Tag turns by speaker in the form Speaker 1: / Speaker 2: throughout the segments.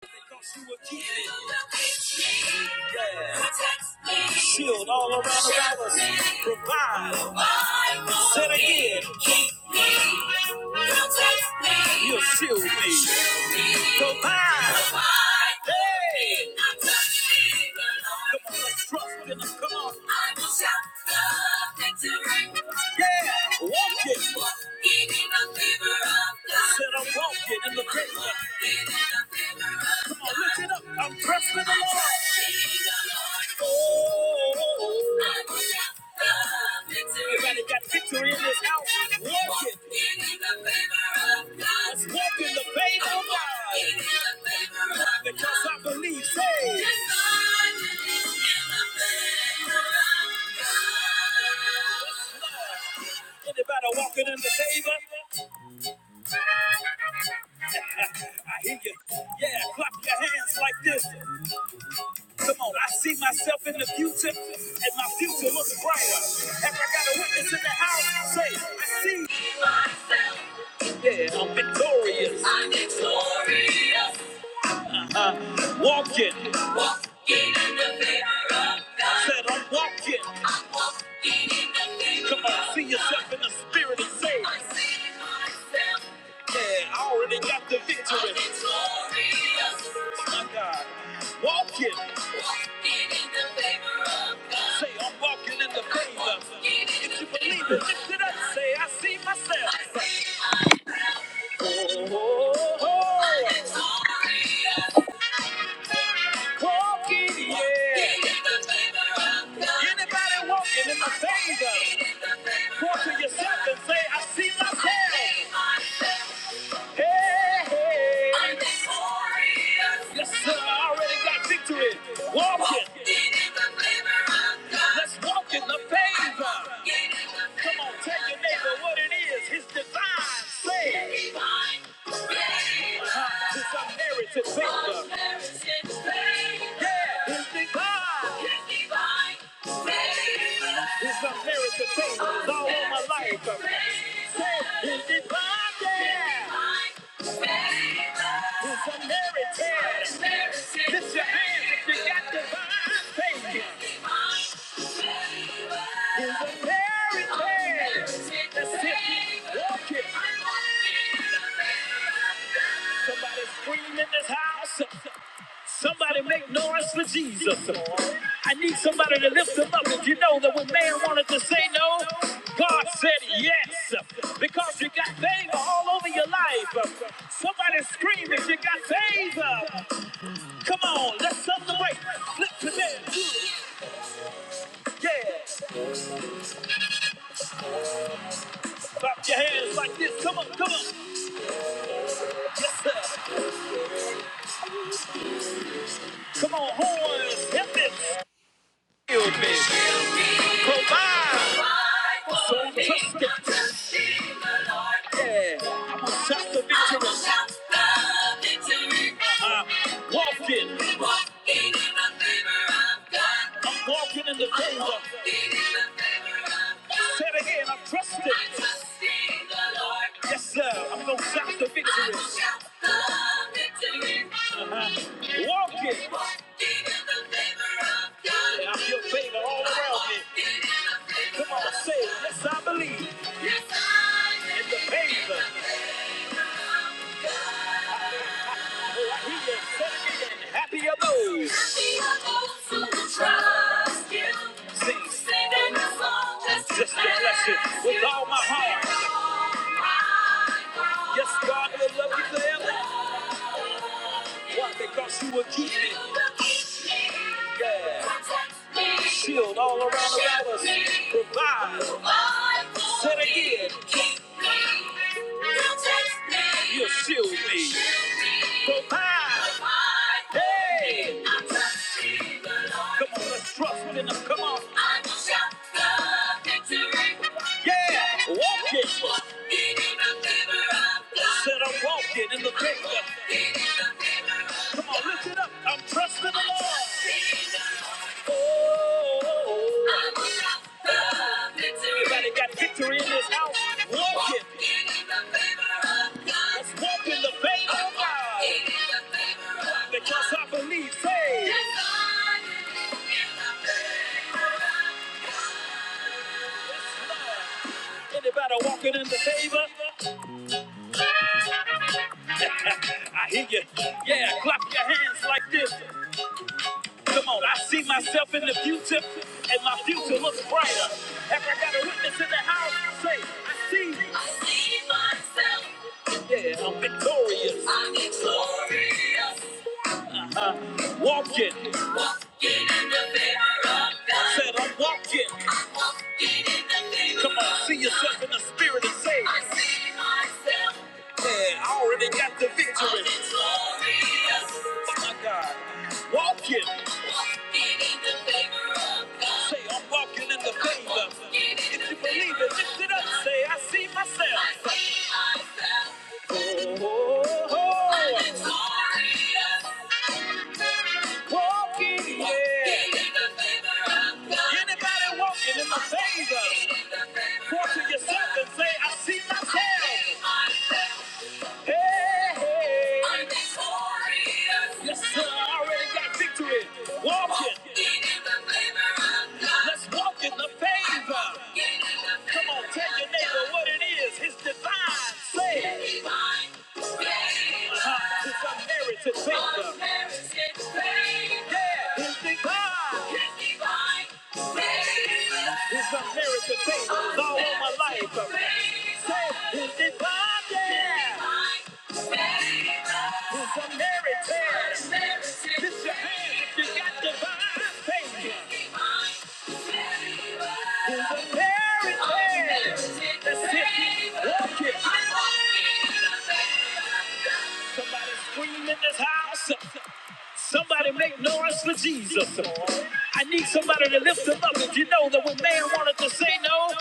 Speaker 1: Because you were given. Yeah. Protect me. Shield all around about us. Provide. Provide. Say it again. Keep me. Protect me. You'll shield me. Shield me. Provide. Provide. Hey. Come on, let's trust in us. Come on. I will shout the victory. Yeah. Walk it. Walking in the fever of God. Said I'm walking in the river. Come on, lift it up. I'm dressed in the Lord. Oh. Everybody got victory in this house. Walking. Let's walk in the favor of God. Because I believe, say. Anybody walking in the favor? I hear you. Yeah, clap your hands like this. Come on, I see myself in the future, and my future looks brighter. Have I got a witness in the house? Say, I see myself. Yeah, I'm victorious. I'm victorious uh, walking. Walking in the favor of God. Said I'm walking. I'm walking in the favor Come on, see yourself in the spirit and say. I see myself. Yeah, I already got the victory. I'm victorious. My God. Walking. Walking in the favor of God. Say I'm walking in the I'm favor. I'm walking in If the you favor believe it, lift it up. of Say I see myself. I see myself. Walk to yourself and say, I see myself. Hey, hey. I'm victorious. Yes, sir. I already got victory. Walk it. in the favor Let's walk in the favor. Come on, tell your neighbor what it is. His divine favor. His Uh-huh. unmerited favor. Yeah, his divine. His His unmerited favor is all over all my life. He's divine, yeah. It's a miracle. Lift your hands if you got divine faith. It's a miracle. That's it. Walk it. Somebody scream in this house. Somebody make noise for Jesus. I need somebody to lift him up. Did you know that when man wanted to say no, God said yes? Because you got favor all over your life. Somebody scream if you got favor. Come on, let's celebrate. Flip to them. Yeah. Clap your hands like this. Come on, come on. Yes, sir. Come on, horns. Help it. So trust it. Yeah. I'm gonna shout the victory. I'm gonna shout the victory. I'm walking. I'm walking in the favor of God. I'm walking in the favor. I'm walking in the favor of God. Say it again. I'm trusting. I'm trusting the Lord. Yes, sir. I'm gonna shout the victory. I'm gonna shout the victory. Uh-huh. Walking. I'm Walking in the favor of God. Yeah, I feel favor all around me. I'm walking in the favor Come on, say it. Yes, I believe. Yes, I am. It's amazing. He is so happy of those. Happy of those who trust you. Sing, sing in the song. just to bless you with all my heart. Yes, God will love you forever. Why? Because You will keep me. Yeah. Shield all around about us. Provide. Said again. You'll shield me. Provide. Hey. I trust in the Lord. Come on, let's trust within us. Come on. I shout the victory. Yeah, walking. Walking in the favor of God. Said I'm walking in the favor. I'm Walking in the favor of God. Come on, lift it up. I'm trusting the Lord. I'm trusting the Lord. I got Everybody got victory in this house. Walk it. Walking in the favor of God. Let's walk in the favor of God. Walking in the favor of God. Because I believe, say. Yes, in the favor of God. Anybody walking in the favor? I hear you. Yeah, clap your hands like this. Come on, I see myself in the future, and my future looks brighter. If I got a witness in the house, say, I see. I see myself. Yeah, I'm victorious. I'm victorious. Uh, walking. Walking in the favor of God. Said I'm walking. I'm walking in the favor Come on, see yourself in the spirit and say, I see myself. Yeah, I already got the victory. I'm victorious. Oh my God. Walking. Say, I'm walking in the favor. If you believe it, lift it up. Say, I see myself. Oh, oh, oh. I'm Walking, yeah. Anybody walking in the favor, walk to yourself and say, I see myself. I see myself. Hey, hey. I'm victorious. Yes, sir. I already got victory. Walk it. Walking in the favor of God. Let's walk in the favor. Walking in the Come on, favor tell your of neighbor God. what it is. His divine favor. His divine favor. Uh-huh. It's unmerited favor. Unmerited favor. Yeah. His divine. His divine. favor. It's a miracle thing that's all over my life. So it's divine, yeah. It's a miracle. Lift your hands if you got divine faith. It's a miracle. That's it. Walk it. Somebody scream in this house. Somebody make noise for Jesus. I need somebody to lift him up. Did you know that when man wanted to say no,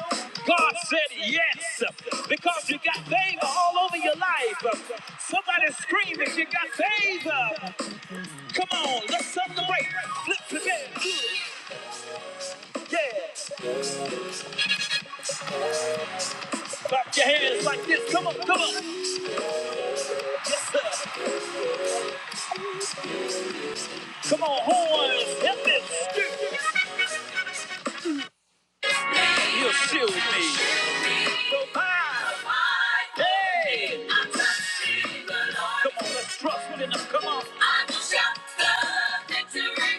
Speaker 1: God said yes? Because you got favor all over your life. Somebody scream that you got favor. Come on, let's celebrate. Flip your hands. Yes. Clap your hands like this. Come on, come on. Yes, sir. Come on, horns. Help it. You'll sit with me. Provide. Hey. I'm trusting the Lord. Come on, let's trust with enough. Come on. I will shout the victory.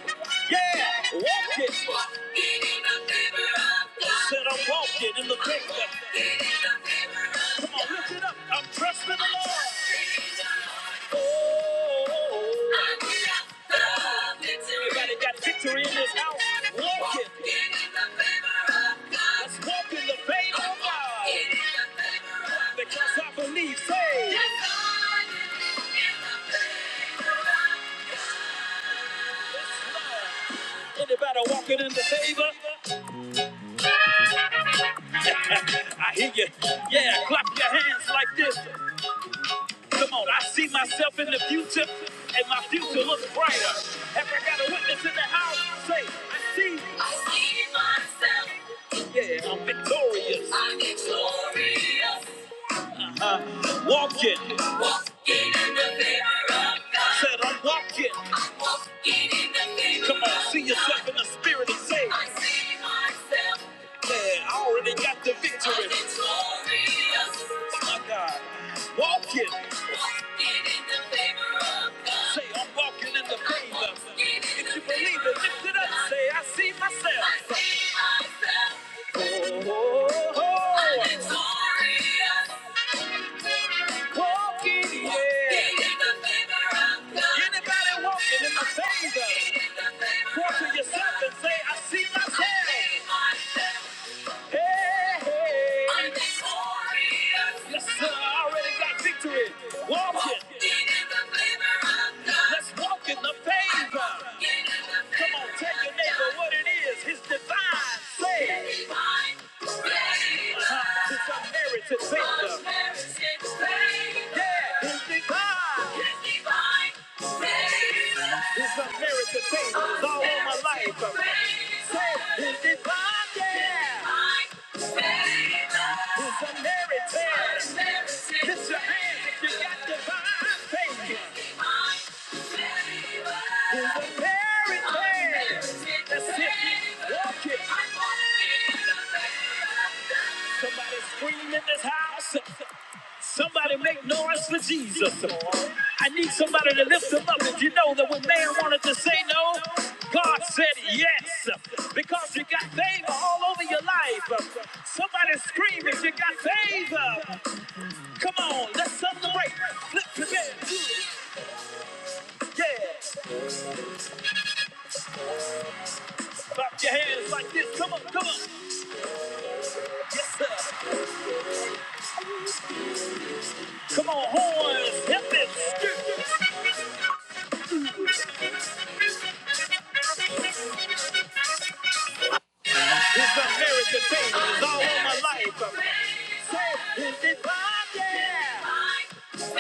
Speaker 1: Yeah, walk it. Walking in the favor of God. Said I'm walking in the favor. Walking in the favor of God. Come on, lift it up. I'm trusting the Lord. I'm trusting the Lord. I got the victory! Everybody got victory in this house. Walking. Walking in the favor of God, Let's walk in the favor of God. Walking in the favor of God Because I believe, say. Yes, I believe in the favor of God. Anybody walking in the favor? I hear you. Yeah, clap your hands like this. Come on, I see myself in the future, and my future looks brighter. Have I got a witness in the house? Say, I see. I see myself. Yeah, I'm victorious. I'm victorious. Uh, walking. Walking in the favor of God. Said I'm walking. I'm walking in the favor Come on, see yourself in the spirit and say. I see myself. Yeah, I already got the victory. I'm victorious. Oh my God. Walking. Walking in the favor of God. Say I'm walking in the favor. If you believe it, lift it up. Say I see myself. I see myself victorious. Walking, yeah. in the favor of God. Anybody walking in the favor? Walk to yourself and say, I see myself. I see myself. Hey, I'm victorious. Yes, sir. I already got victory. Walking. in the favor of God. Let's walk in the favor. Come on, tell your neighbor what it is. His divine favor. His divine favor. Uh-huh. It's Yeah, his divine. It's a miracle today. It's all over my life. Say, it's divine, yeah. It's a miracle. Lift your hands if you got divine favor. It's a miracle. That's it. Walk it. Somebody scream in this house. Somebody make noise for Jesus. I need somebody to lift him up. Did you know that when man wanted to say no, God said yes? Because you got favor all over your life. Somebody scream if you got favor. Come on, let's celebrate. Lift your hands. Yeah. Clap your hands like this. Come on, come on. Yes, sir. Come on, horns. Help it. It's a miracle thing. It's all over my life. So is it mine? Yeah. It's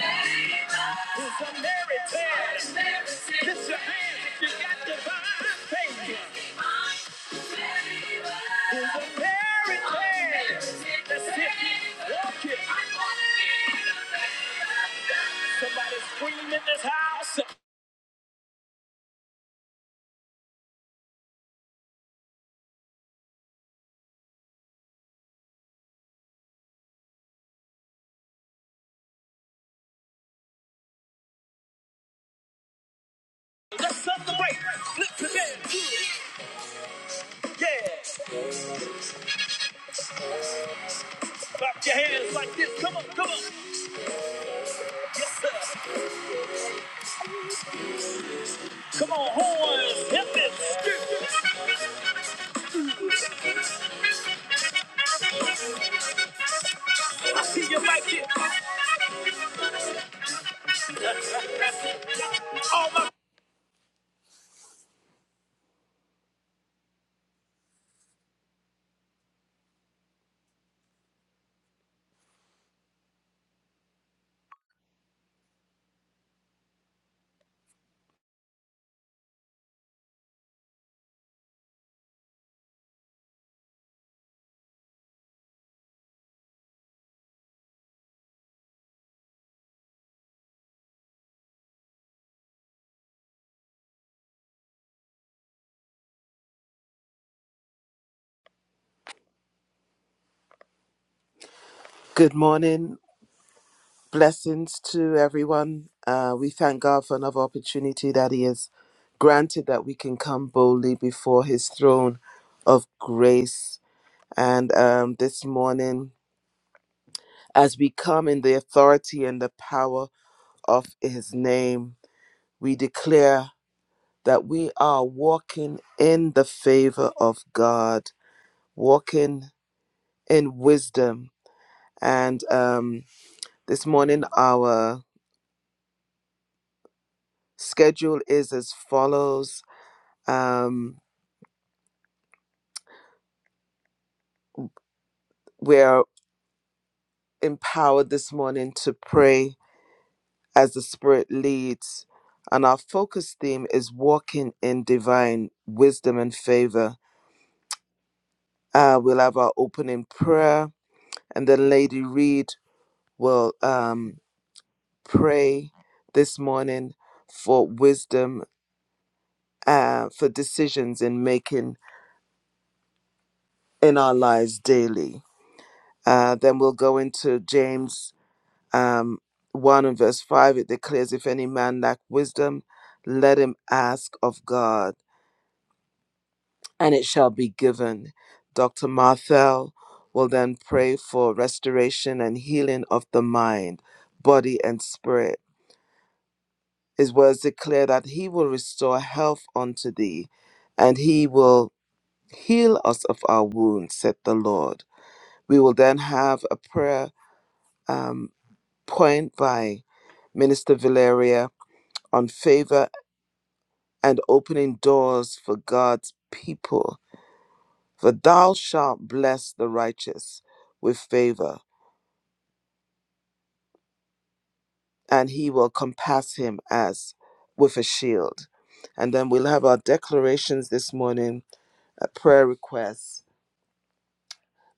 Speaker 1: a miracle. Lift your hands if you got divine favor. It's a miracle. That's it. Walk it. Somebody scream in this house. Let's celebrate. Flip your hands. Yeah. Clap your hands like this. Come on, come on. Come on, horns, hip it. I see you like it. All my Good morning. Blessings to everyone. Uh, we thank God for another opportunity that He has granted that we can come boldly before His throne of grace. And um, this morning, as we come in the authority and the power of His name, we declare. that we are walking in the favor of God, walking in wisdom. And um, this morning, our schedule is as follows. Um, we're empowered this morning to pray as the Spirit leads. And our focus theme is walking in divine wisdom and favor. Uh, we'll have our opening prayer, and then Lady Reed will. Um, pray this morning for wisdom uh, for decisions in making in our lives daily. Uh, then we'll go into James um, 1 and verse 5. It declares, If any man lack wisdom, let him ask of God, and it shall be given. Dr. Marthel will then pray for restoration and healing of the mind, body, and spirit his words declare that he will restore health unto thee, and he will heal us of our wounds, said the Lord. We will then have a prayer um, point by Minister Valeria on favor and opening doors for God's people. For thou shalt bless the righteous with favor, and he will compass him as with a shield. And then we'll have our declarations this morning, uh, prayer requests,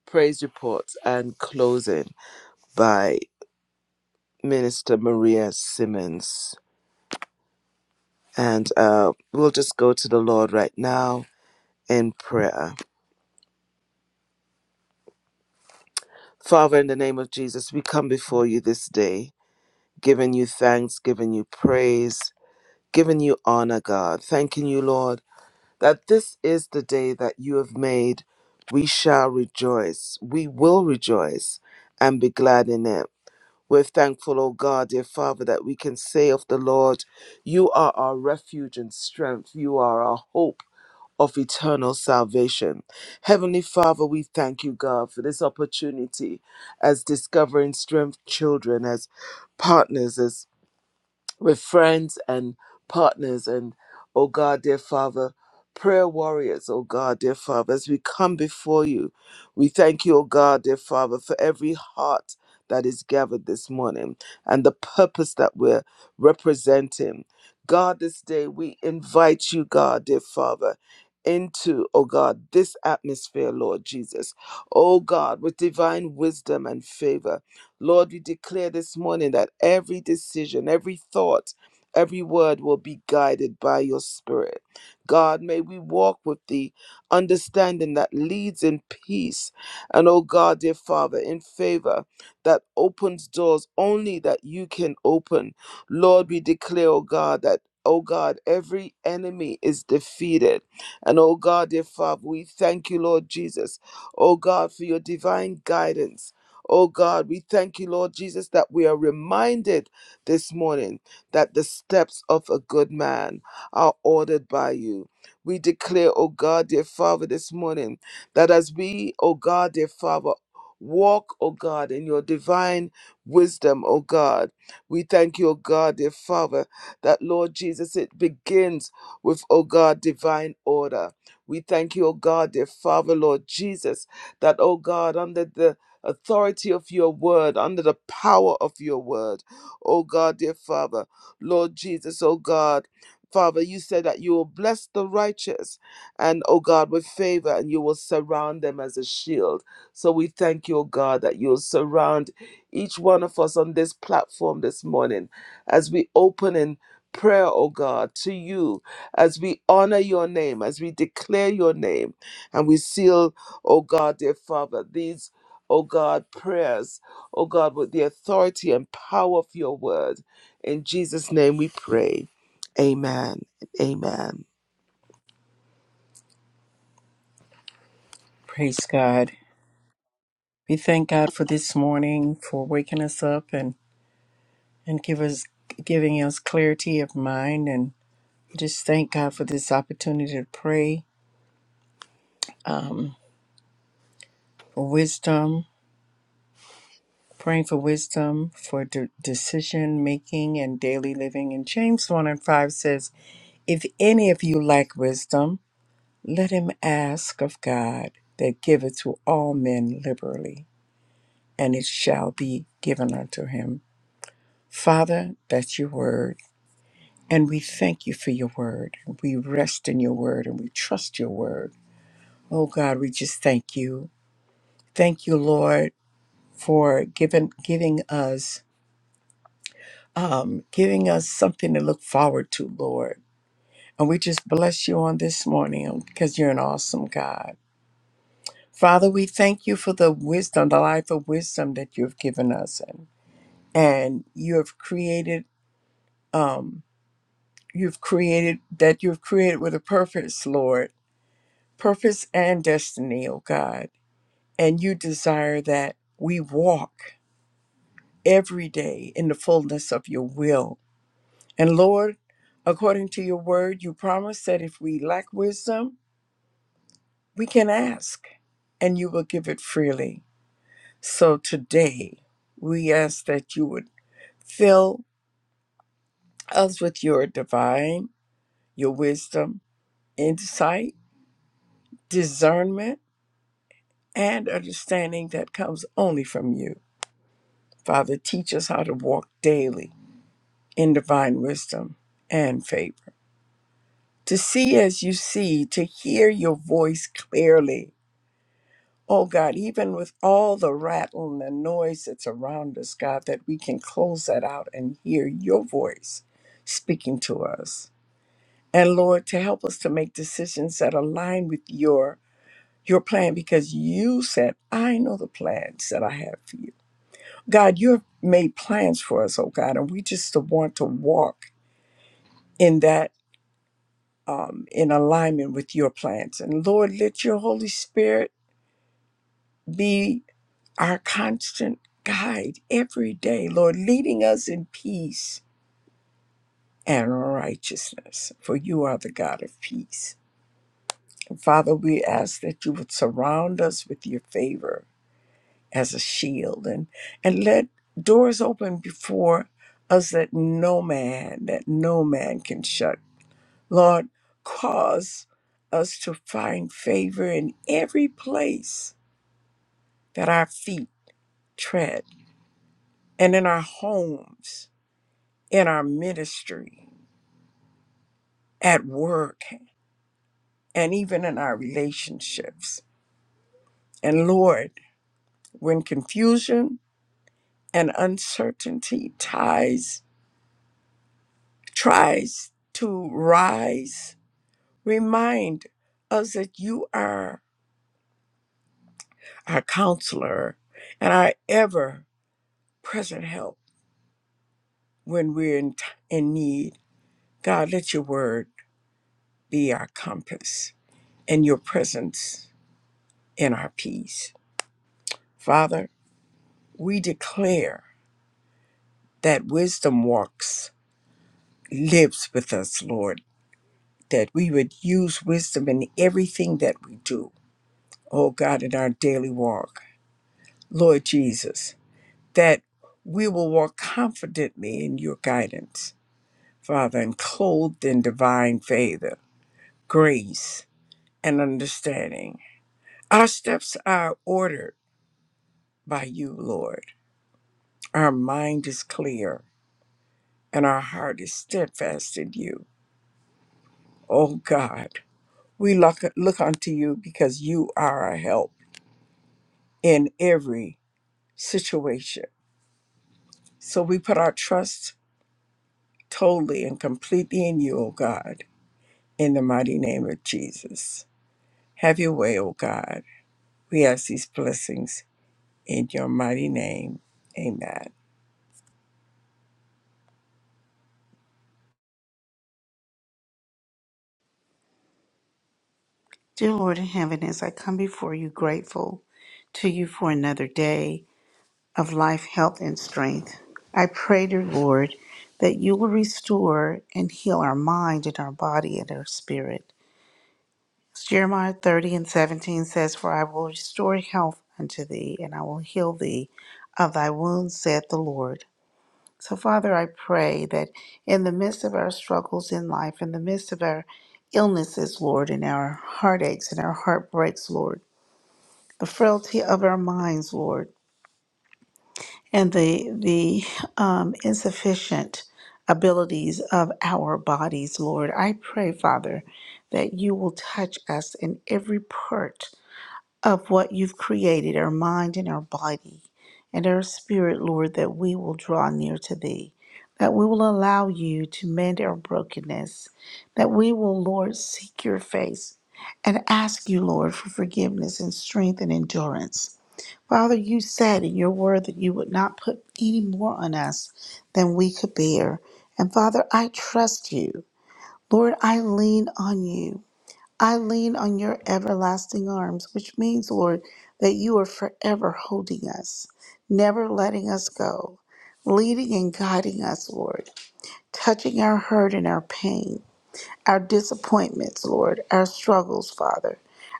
Speaker 1: praise report and closing by Minister Maria Simmons. And uh, we'll just go to the Lord right now in prayer. Father, in the name of Jesus, we come before you this day, giving you thanks, giving you praise, giving you honor, God. Thanking you, Lord, that this is the day that you have made. We shall rejoice. We will rejoice and be glad in it. We're thankful, O God, dear Father, that we can say of the Lord, You are our refuge and strength. You are our hope of eternal salvation. Heavenly Father, we thank you, God, for this opportunity as discovering strength children, as partners, as with friends and partners and oh God, dear Father, prayer warriors, oh God, dear Father, as we come before you, we thank you, oh God, dear Father, for every heart that is gathered this morning and the purpose that we're representing. God, this day we invite you, God, dear Father. Into, oh God, this atmosphere, Lord Jesus. Oh God, with divine wisdom and favor. Lord, we declare this morning that every decision, every thought, every word will be guided by your spirit. God, may we walk with the understanding that leads in peace. And oh God, dear Father, in favor that opens doors only that you can open. Lord, we declare, oh God, that. Oh God, every enemy is defeated. And oh God, dear Father, we thank you, Lord Jesus, oh God, for your divine guidance Oh God, we thank you, Lord Jesus, that we are reminded this morning that the steps of a good man are ordered by you. We declare, oh God, dear Father, this morning that as we, oh God, dear Father, walk, oh God, in your divine wisdom, oh God, we thank you, oh God, dear Father, that Lord Jesus, it begins with, oh God, divine order. We thank you, oh God, dear Father, Lord Jesus, that, oh God, under the authority of your word, under the power of your word. Oh God, dear Father, Lord Jesus, oh God. Father, you said that you will bless the righteous and, oh God, with favor, and you will surround them as a shield. So we thank you, oh God, that you'll surround each one of us on this platform this morning as we open in prayer, oh God, to you, as we honor your name, as we declare your name, and we seal, oh God, dear Father, these oh God, prayers, oh God, with the authority and power of your word. In Jesus' name we pray. Amen. Amen.
Speaker 2: Praise God. We thank God for this morning, for waking us up and, and give us giving us clarity of mind. And just thank God for this opportunity to pray um, for wisdom, praying for wisdom, for de- decision making and daily living. And James 1 and 5 says, If any of you lack wisdom, let him ask of God that giveth to all men liberally, and it shall be given unto him. Father, that's your word. And we thank you for your word. We rest in your word and we trust your word. Oh God, we just thank you. Thank you, Lord, for giving giving us um, giving us something to look forward to, Lord. And we just bless you on this morning because you're an awesome God. Father, we thank you for the wisdom, the life of wisdom that you have given us and and you have created um you've created that you've created with a purpose, Lord purpose and destiny, O God. And you desire that we walk every day in the fullness of your will. And Lord, according to your word, you promise that if we lack wisdom, we can ask and you will give it freely. So today, we ask that you would fill us with your divine, your wisdom, insight, discernment, and understanding that comes only from you. Father, teach us how to walk daily in divine wisdom and favor, to see as you see, to hear your voice clearly. Oh God, even with all the rattle and the noise that's around us, God, that we can close that out and hear your voice speaking to us. And Lord, to help us to make decisions that align with your your plan because you said, I know the plans that I have for you. God, you have made plans for us, oh God, and we just want to walk in that um, in alignment with your plans. And Lord, let your Holy Spirit be our constant guide every day, Lord, leading us in peace and righteousness, for you are the God of peace. And Father, we ask that you would surround us with your favor as a shield and, and let doors open before us that no man, that no man can shut Lord, cause us to find favor in every place that our feet tread, and in our homes, in our ministry, at work, and even in our relationships. And Lord, when confusion and uncertainty ties tries to rise, remind us that you are our counselor and our ever present help when we're in, t- in need. God, let your word be our compass and your presence in our peace. Father, we declare that wisdom walks, lives with us, Lord, that we would use wisdom in everything that we do. Oh God, in our daily walk, Lord Jesus, that we will walk confidently in your guidance, Father, and clothed in divine favor, grace, and understanding. Our steps are ordered by you, Lord. Our mind is clear and our heart is steadfast in you. Oh God, we look, look unto you because you are our help in every situation. So we put our trust totally and completely in you, O God, in the mighty name of Jesus. Have your way, O God. We ask these blessings in your mighty name. Amen.
Speaker 3: Dear Lord in heaven, as I come before you grateful to you for another day of life, health, and strength, I pray, dear Lord, that you will restore and heal our mind and our body and our spirit. As Jeremiah 30 and 17 says, For I will restore health unto thee, and I will heal thee of thy wounds, saith the Lord. So, Father, I pray that in the midst of our struggles in life, in the midst of our illnesses, Lord, and our heartaches and our heartbreaks, Lord, the frailty of our minds, Lord, and the the um, insufficient abilities of our bodies, Lord. I pray, Father, that you will touch us in every part of what you've created, our mind and our body and our spirit, Lord, that we will draw near to thee. That we will allow you to mend our brokenness, that we will, Lord, seek your face and ask you, Lord, for forgiveness and strength and endurance. Father, you said in your word that you would not put any more on us than we could bear. And Father, I trust you. Lord, I lean on you. I lean on your everlasting arms, which means, Lord, that you are forever holding us, never letting us go, leading and guiding us, Lord, touching our hurt and our pain our disappointments, Lord, our struggles, Father,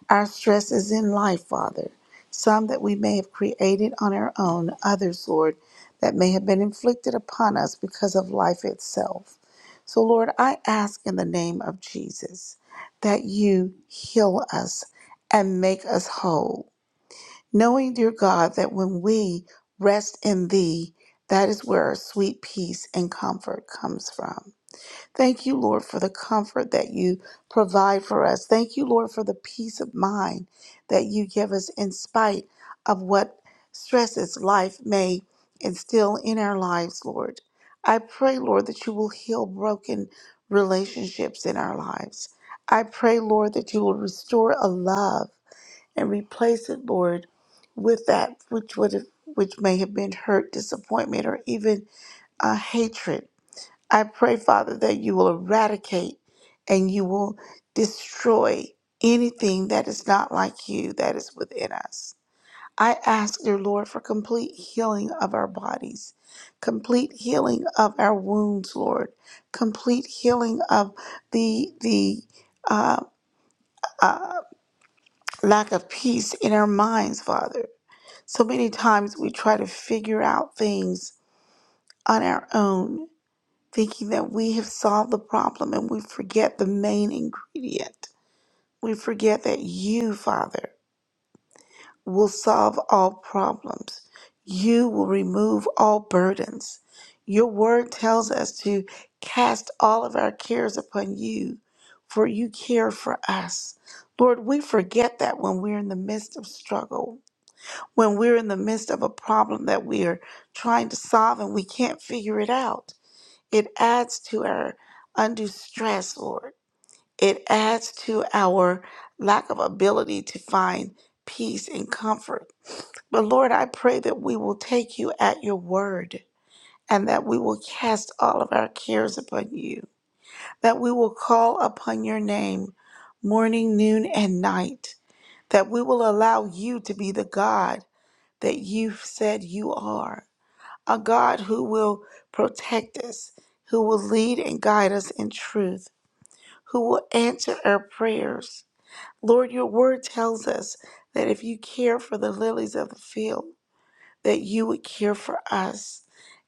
Speaker 3: our stresses in life, Father, some that we may have created on our own, others, Lord, that may have been inflicted upon us because of life itself. So, Lord, I ask in the name of Jesus that you heal us and make us whole, knowing, dear God, that when we rest in Thee, that is where our sweet peace and comfort comes from. Thank you, Lord, for the comfort that you provide for us. Thank you, Lord, for the peace of mind that you give us in spite of what stresses life may instill in our lives, Lord. I pray, Lord, that you will heal broken relationships in our lives. I pray, Lord, that you will restore a love and replace it, Lord, with that which would have, which may have been hurt, disappointment, or even uh, hatred. I pray, Father, that you will eradicate and you will destroy anything that is not like you that is within us. I ask, dear Lord, for complete healing of our bodies, complete healing of our wounds, Lord, complete healing of the the uh, uh, lack of peace in our minds, Father. So many times we try to figure out things on our own thinking that we have solved the problem and we forget the main ingredient. We forget that you, Father, will solve all problems. You will remove all burdens. Your word tells us to cast all of our cares upon you, for you care for us. Lord, we forget that when we're in the midst of struggle, when we're in the midst of a problem that we are trying to solve and we can't figure it out. It adds to our undue stress, Lord. It adds to our lack of ability to find peace and comfort. But Lord, I pray that we will take you at your word and that we will cast all of our cares upon you, that we will call upon your name morning, noon, and night, that we will allow you to be the God that you've said you are a God who will protect us, who will lead and guide us in truth, who will answer our prayers. Lord, your word tells us that if you care for the lilies of the field, that you would care for us.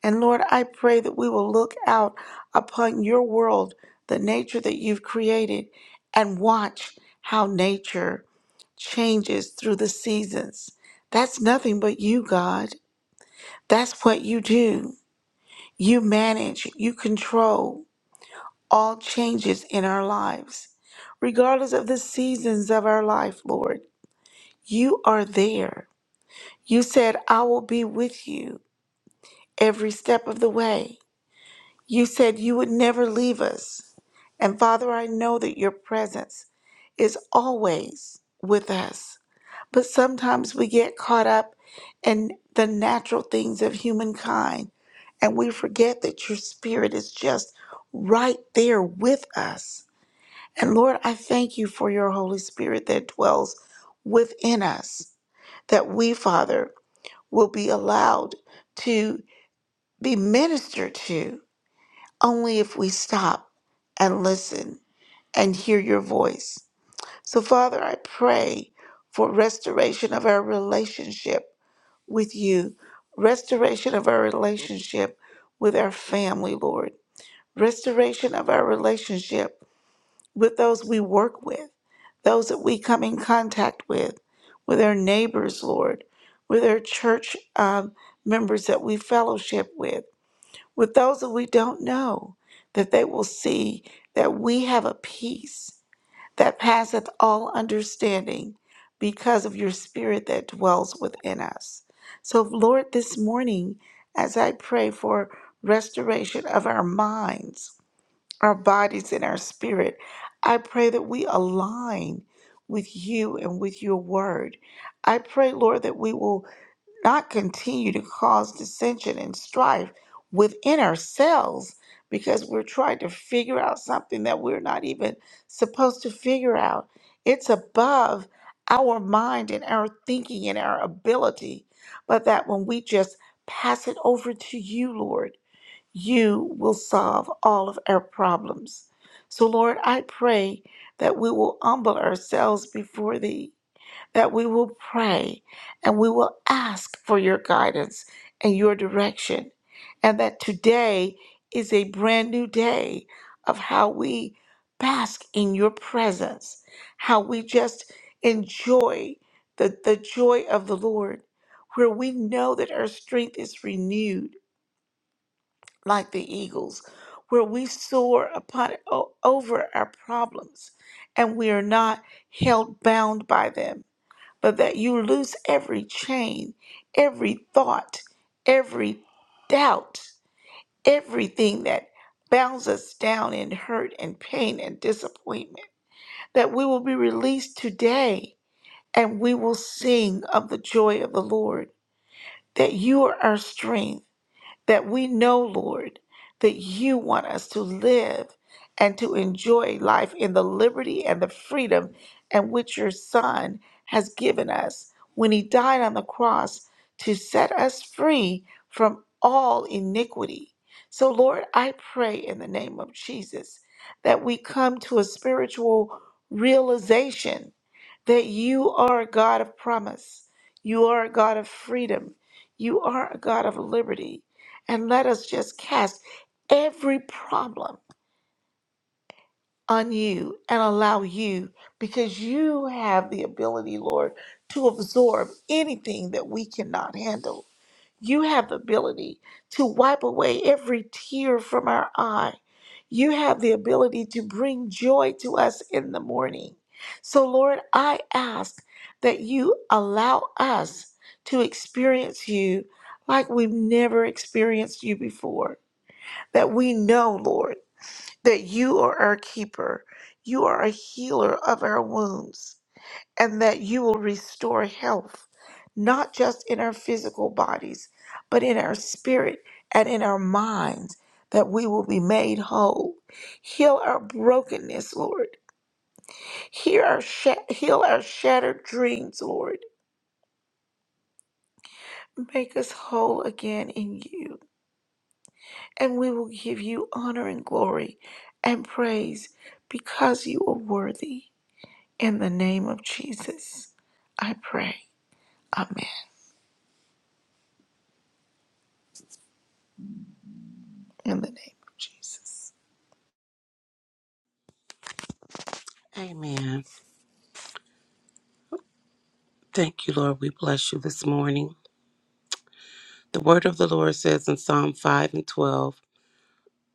Speaker 3: And Lord, I pray that we will look out upon your world, the nature that you've created, and watch how nature changes through the seasons. That's nothing but you, God. That's what you do. You manage, you control all changes in our lives, regardless of the seasons of our life, Lord. You are there. You said, I will be with you every step of the way. You said you would never leave us. And Father, I know that your presence is always with us. But sometimes we get caught up in the natural things of humankind and we forget that your spirit is just right there with us. And Lord, I thank you for your Holy Spirit that dwells within us, that we, Father, will be allowed to be ministered to only if we stop and listen and hear your voice. So, Father, I pray for restoration of our relationship with you, restoration of our relationship with our family, Lord, restoration of our relationship with those we work with, those that we come in contact with, with our neighbors, Lord, with our church um, members that we fellowship with, with those that we don't know, that they will see that we have a peace that passeth all understanding because of your spirit that dwells within us. So, Lord, this morning, as I pray for restoration of our minds, our bodies, and our spirit, I pray that we align with you and with your word. I pray, Lord, that we will not continue to cause dissension and strife within ourselves because we're trying to figure out something that we're not even supposed to figure out. It's above our mind and our thinking and our ability, but that when we just pass it over to you, Lord, you will solve all of our problems. So, Lord, I pray that we will humble ourselves before thee that we will pray and we will ask for your guidance and your direction. And that today is a brand new day of how we bask in your presence, how we just enjoy the, the joy of the Lord, where we know that our strength is renewed like the eagles, where we soar upon o- over our problems and we are not held bound by them but that you loose every chain, every thought, every doubt, everything that bounds us down in hurt and pain and disappointment. That we will be released today and we will sing of the joy of the Lord, that you are our strength that we know, Lord, that you want us to live and to enjoy life in the liberty and the freedom and which your Son has given us when he died on the cross to set us free from all iniquity. So, Lord, I pray in the name of Jesus that we come to a spiritual realization that you are a God of promise. You are a God of freedom. You are a God of liberty. And let us just cast every problem on you and allow you, because you have the ability, Lord, to absorb anything that we cannot handle. You have the ability to wipe away every tear from our eye. You have the ability to bring joy to us in the morning. So, Lord, I ask that you allow us to experience you like we've never experienced you before. That we know, Lord, that you are our keeper, you are a healer of our wounds and that you will restore health, not just in our physical bodies, but in our spirit and in our minds, that we will be made whole. Heal our brokenness, Lord. Hear our sha- heal our shattered dreams, Lord. Make us whole again in you, and we will give you honor and glory and praise because you are worthy. In the name of Jesus, I pray. Amen. In the name of Jesus.
Speaker 4: Amen. Thank you, Lord. We bless you this morning. The word of the Lord says in Psalm 5 and 12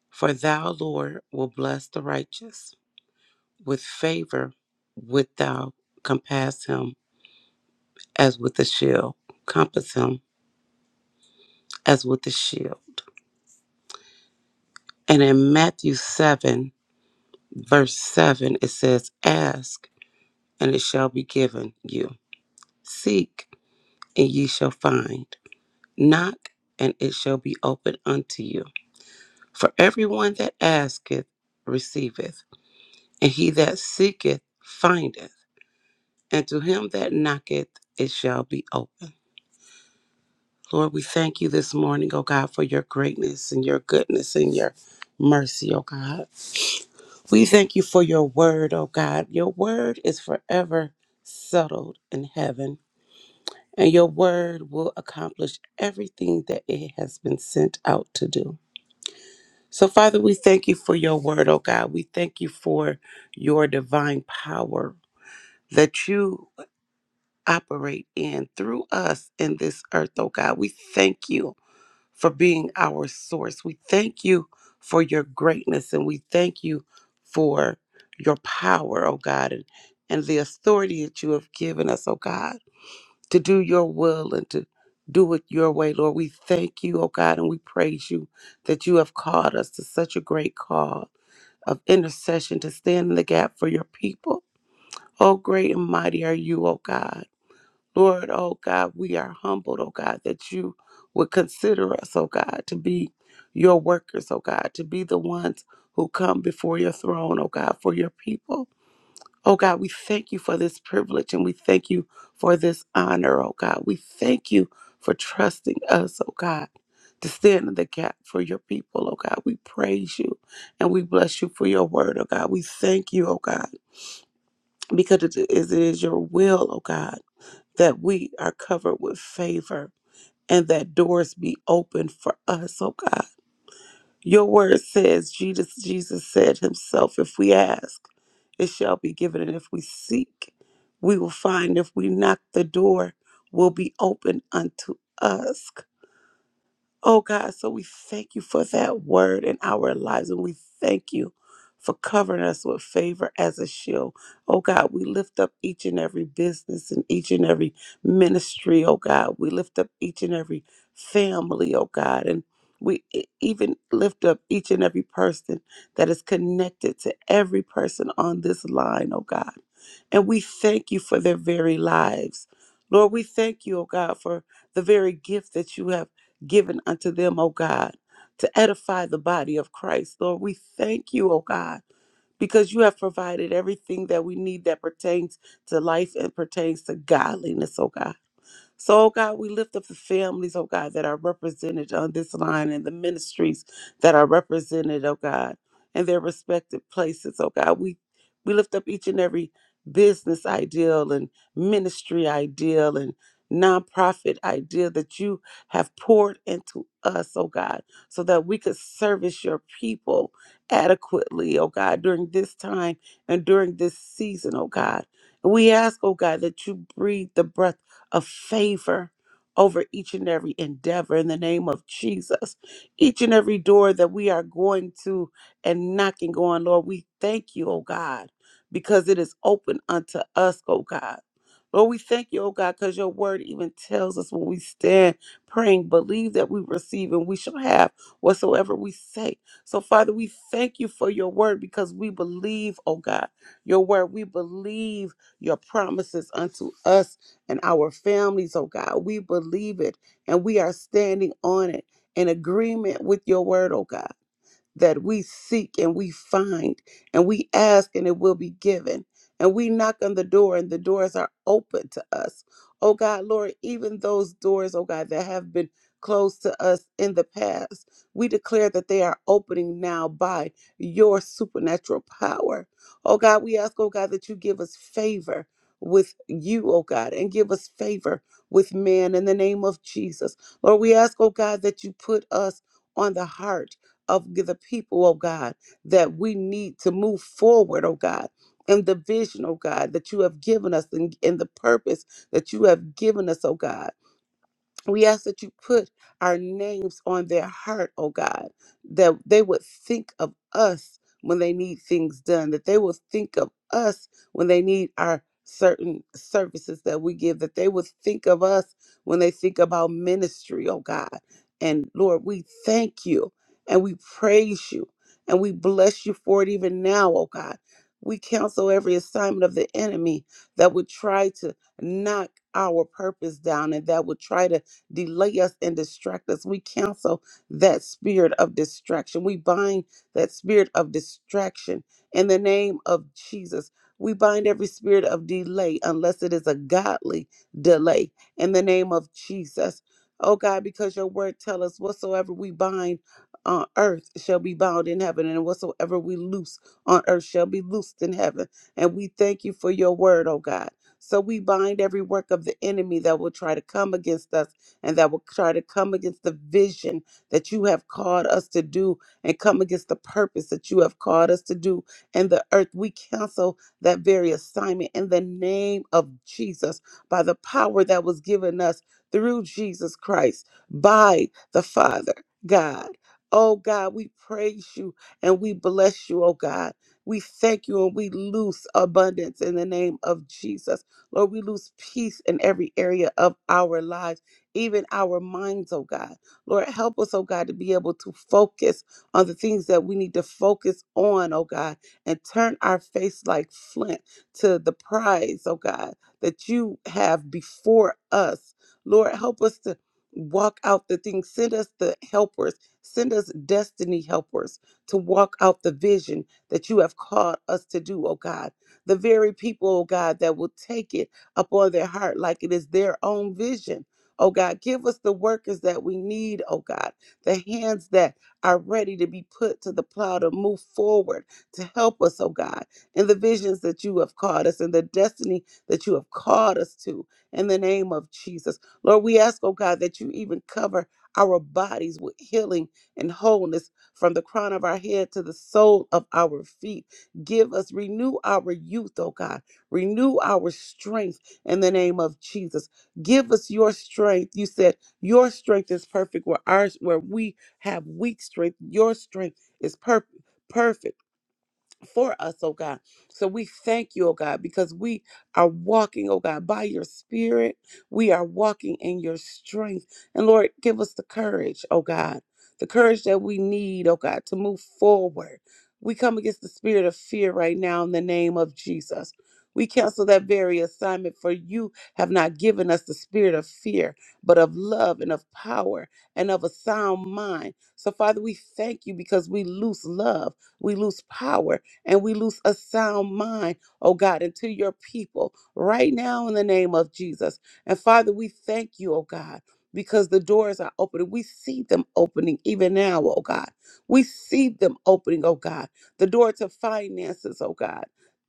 Speaker 4: For thou, Lord, will bless the righteous. With favor wilt thou compass him as with a shield, compass him as with a shield. And in Matthew 7, verse 7, it says, Ask, and it shall be given you. Seek, and ye shall find. Knock, and it shall be opened unto you. For everyone that asketh receiveth, and he that seeketh findeth, and to him that knocketh it shall be open. Lord, we thank you this morning, O God, for your greatness and your goodness and your mercy, O God. We thank you for your word, O God. Your word is forever settled in heaven, and your word will accomplish everything that it has been sent out to do. So, Father, we thank you for your word, oh God. We thank you for your divine power that you operate in through us in this earth, oh God. We thank you for being our source. We thank you for your greatness and we thank you for your power, oh God, and, and the authority that you have given us, oh God, to do your will and to do it your way, Lord. We thank you, oh God, and we praise you that you have called us to such a great call of intercession to stand in the gap for your people. Oh, great and mighty are you, oh God. Lord, oh God, we are humbled, oh God, that you would consider us, oh God, to be your workers, oh God, to be the ones who come before your throne, oh God, for your people. Oh God, we thank you for this privilege and we thank you for this honor, oh God. We thank you for trusting us, oh God, to stand in the gap for your people, oh God. We praise you and we bless you for your word, oh God. We thank you, oh God, because it is, it is your will, oh God, that we are covered with favor and that doors be opened for us, oh God. Your word says, Jesus, Jesus said himself, if we ask, it shall be given. And if we seek, we will find. If we knock the door, will be open unto us. Oh God, so we thank you for that word in our lives and we thank you for covering us with favor as a shield. Oh God, we lift up each and every business and each and every ministry, oh God. We lift up each and every family, oh God, and we e- even lift up each and every person that is connected to every person on this line, oh God. And we thank you for their very lives. Lord, we thank you, oh God, for the very gift that you have given unto them, O God, to edify the body of Christ. Lord, we thank you, O God, because you have provided everything that we need that pertains to life and pertains to godliness, O God. So, oh God, we lift up the families, oh God, that are represented on this line and the ministries that are represented, oh God, in their respective places, oh God. We we lift up each and every business ideal and ministry ideal and nonprofit idea that you have poured into us, oh God, so that we could service your people adequately, oh God, during this time and during this season, oh God. We ask, oh God, that you breathe the breath of favor over each and every endeavor in the name of Jesus. Each and every door that we are going to and knocking on, Lord, we thank you, oh God, because it is open unto us, oh God. Lord, we thank you, oh God, because your word even tells us when we stand praying, believe that we receive and we shall have whatsoever we say. So, Father, we thank you for your word because we believe, oh God, your word. We believe your promises unto us and our families, oh God. We believe it and we are standing on it in agreement with your word, oh God that we seek and we find and we ask and it will be given and we knock on the door and the doors are open to us oh god lord even those doors oh god that have been closed to us in the past we declare that they are opening now by your supernatural power oh god we ask oh god that you give us favor with you, oh God, and give us favor with man in the name of Jesus. Lord, we ask, oh God, that you put us on the heart of the people, oh God, that we need to move forward, oh God, in the vision, oh God, that you have given us and in, in the purpose that you have given us, oh God. We ask that you put our names on their heart, oh God, that they would think of us when they need things done, that they will think of us when they need our certain services that we give, that they would think of us when they think about ministry, oh God. And Lord, we thank you and we praise you and we bless you for it even now, oh God. We counsel every assignment of the enemy that would try to knock our purpose down and that would try to delay us and distract us. We cancel that spirit of distraction. We bind that spirit of distraction in the name of Jesus. We bind every spirit of delay unless it is a godly delay in the name of Jesus. Oh God, because your word tell us whatsoever we bind on earth shall be bound in heaven, and whatsoever we loose on earth shall be loosed in heaven. And we thank you for your word, oh God. So we bind every work of the enemy that will try to come against us and that will try to come against the vision that you have called us to do and come against the purpose that you have called us to do in the earth. We cancel that very assignment in the name of Jesus by the power that was given us through Jesus Christ by the Father God. Oh God, we praise you and we bless you, oh God. We thank you and we loose abundance in the name of Jesus. Lord, we lose peace in every area of our lives even our minds, oh God. Lord, help us, oh God, to be able to focus on the things that we need to focus on, oh God, and turn our face like flint to the prize, oh God, that you have before us. Lord, help us to walk out the things. Send us the helpers. Send us destiny helpers to walk out the vision that you have called us to do, oh God. The very people, oh God, that will take it upon their heart like it is their own vision. Oh God, give us the workers that we need, oh God, the hands that are ready to be put to the plow to move forward, to help us, oh God, in the visions that you have called us, in the destiny that you have called us to, in the name of Jesus. Lord, we ask, oh God, that you even cover our bodies with healing and wholeness from the crown of our head to the sole of our feet. Give us, renew our youth, oh God, renew our strength in the name of Jesus. Give us your strength. You said your strength is perfect where ours where we have weak strength. Your strength is perfect perfect for us, oh God. So we thank you, oh God, because we are walking, oh God, by your spirit. We are walking in your strength. And Lord, give us the courage, oh God, the courage that we need, oh God, to move forward. We come against the spirit of fear right now in the name of Jesus. We cancel that very assignment, for you have not given us the spirit of fear, but of love and of power and of a sound mind. So, Father, we thank you because we lose love, we lose power, and we lose a sound mind, oh God, into your people right now in the name of Jesus. And Father, we thank you, oh God. Because the doors are opening. We see them opening even now, oh God. We see them opening, oh God. The door to finances, oh God.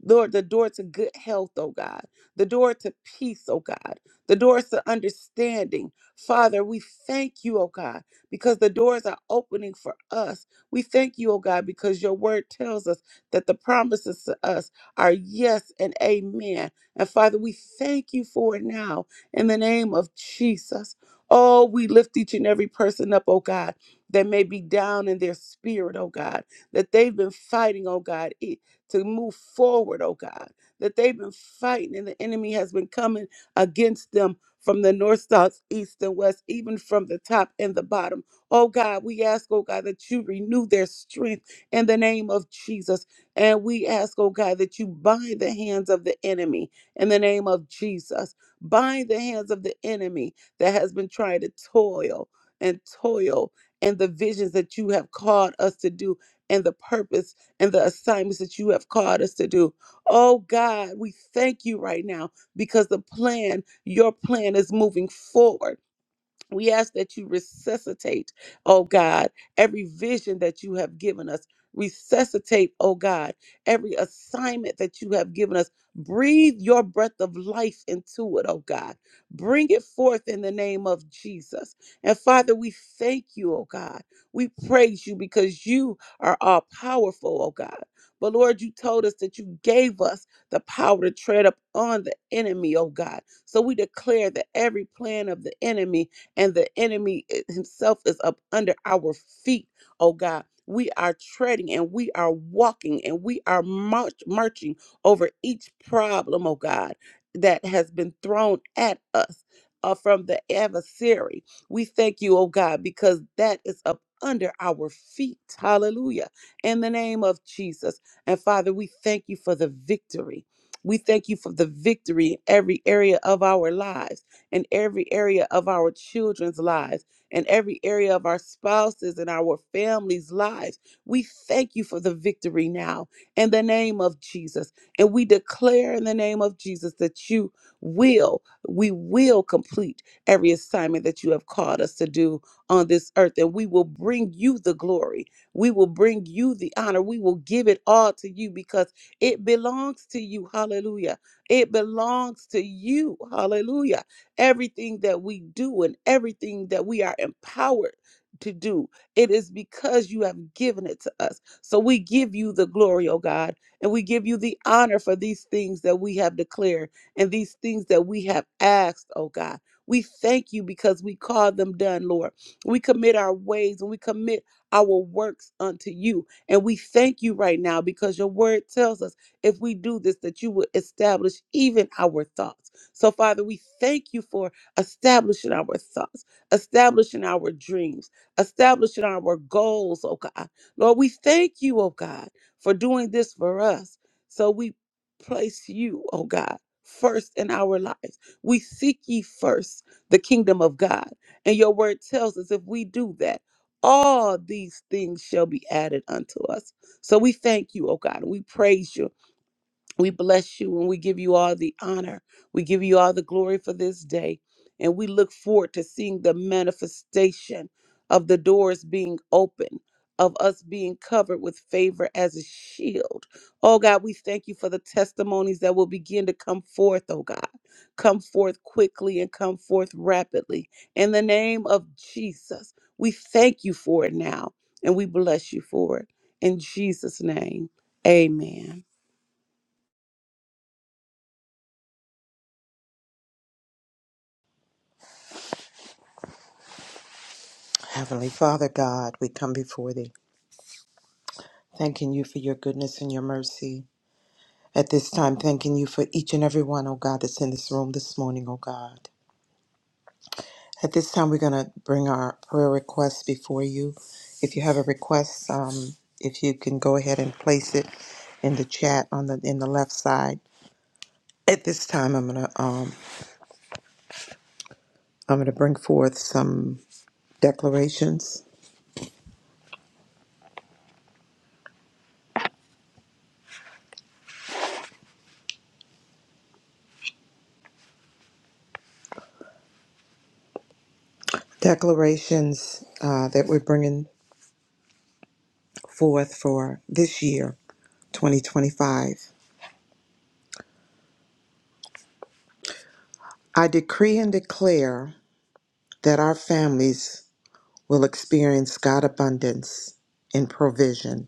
Speaker 4: Lord, the door to good health, oh God. The door to peace, oh God. The doors to understanding. Father, we thank you, oh God, because the doors are opening for us. We thank you, oh God, because your word tells us that the promises to us are yes and amen. And Father, we thank you for it now in the name of Jesus. Oh, we lift each and every person up, oh God, that may be down in their spirit, oh God, that they've been fighting, oh God, i- to move forward, oh God, that they've been fighting and the enemy has been coming against them from the north, south, east, and west, even from the top and the bottom. Oh God, we ask, oh God, that you renew their strength in the name of Jesus. And we ask, oh God, that you bind the hands of the enemy in the name of Jesus. Bind the hands of the enemy that has been trying to toil and toil and the visions that you have called us to do and the purpose and the assignments that you have called us to do. Oh God, we thank you right now because the plan, your plan is moving forward we ask that you resuscitate, oh God, every vision that you have given us. Resuscitate, oh God, every assignment that you have given us. Breathe your breath of life into it, oh God. Bring it forth in the name of Jesus. And Father, we thank you, oh God. We praise you because you are all powerful, oh God. But Lord, you told us that you gave us the power to tread up on the enemy, oh God. So we declare that every plan of the enemy and the enemy eh, himself is up under our feet, oh God. We are treading and we are walking and we are march, marching over each problem, oh God, that has been thrown at us uh, from the adversary. We thank you, oh God, because that is up under our feet. Hallelujah. In the name of Jesus. And Father, we thank you for the victory. We thank you for the victory in every area of our lives in every area of our children's lives, in every area of our spouses and our families' lives. We thank you for the victory now in the name of Jesus. And we declare in the name of Jesus that you will, we will complete every assignment that you have called us to do on this earth. And we will bring you the glory. We will bring you the honor. We will give it all to you because it belongs to you. Hallelujah. It belongs to you. Hallelujah. Everything that we do and everything that we are empowered to do, it is because you have given it to us. So we give you the glory, oh God, and we give you the honor for these things that we have declared and these things that we have asked, oh God. We thank you because we call them done, Lord. We commit our ways and we commit our works unto you. And we thank you right now because your word tells us if we do this, that you will establish even our thoughts. So, Father, we thank you for establishing our thoughts, establishing our dreams, establishing our goals, oh God. Lord, we thank you, oh God, for doing this for us. So we place you, oh God, first in our lives. We seek ye first the kingdom of God. And your word tells us if we do that, all these things shall be added unto us. So we thank you, oh God. and We praise you we bless you and we give you all the honor. We give you all the glory for this day. And we look forward to seeing the manifestation of the doors being open, of us being covered with favor as a shield. Oh God, we thank you for the testimonies that will begin to come forth, oh God. Come forth quickly and come forth rapidly. In the name of Jesus, we thank you for it now and we bless you for it. In Jesus' name, amen.
Speaker 5: Heavenly Father God, we come before thee, thanking you for your goodness and your mercy. At this time, thanking you for each and every one, oh God, that's in this room this morning, oh God. At this time, we're going to bring our prayer requests before you. If you have a request, um, if you can go ahead and place it in the chat on the in the left side. At this time, I'm gonna um, I'm gonna bring forth some declarations, declarations uh, that we're bringing forth for this year 2025. I decree and declare that our families will experience God abundance in provision.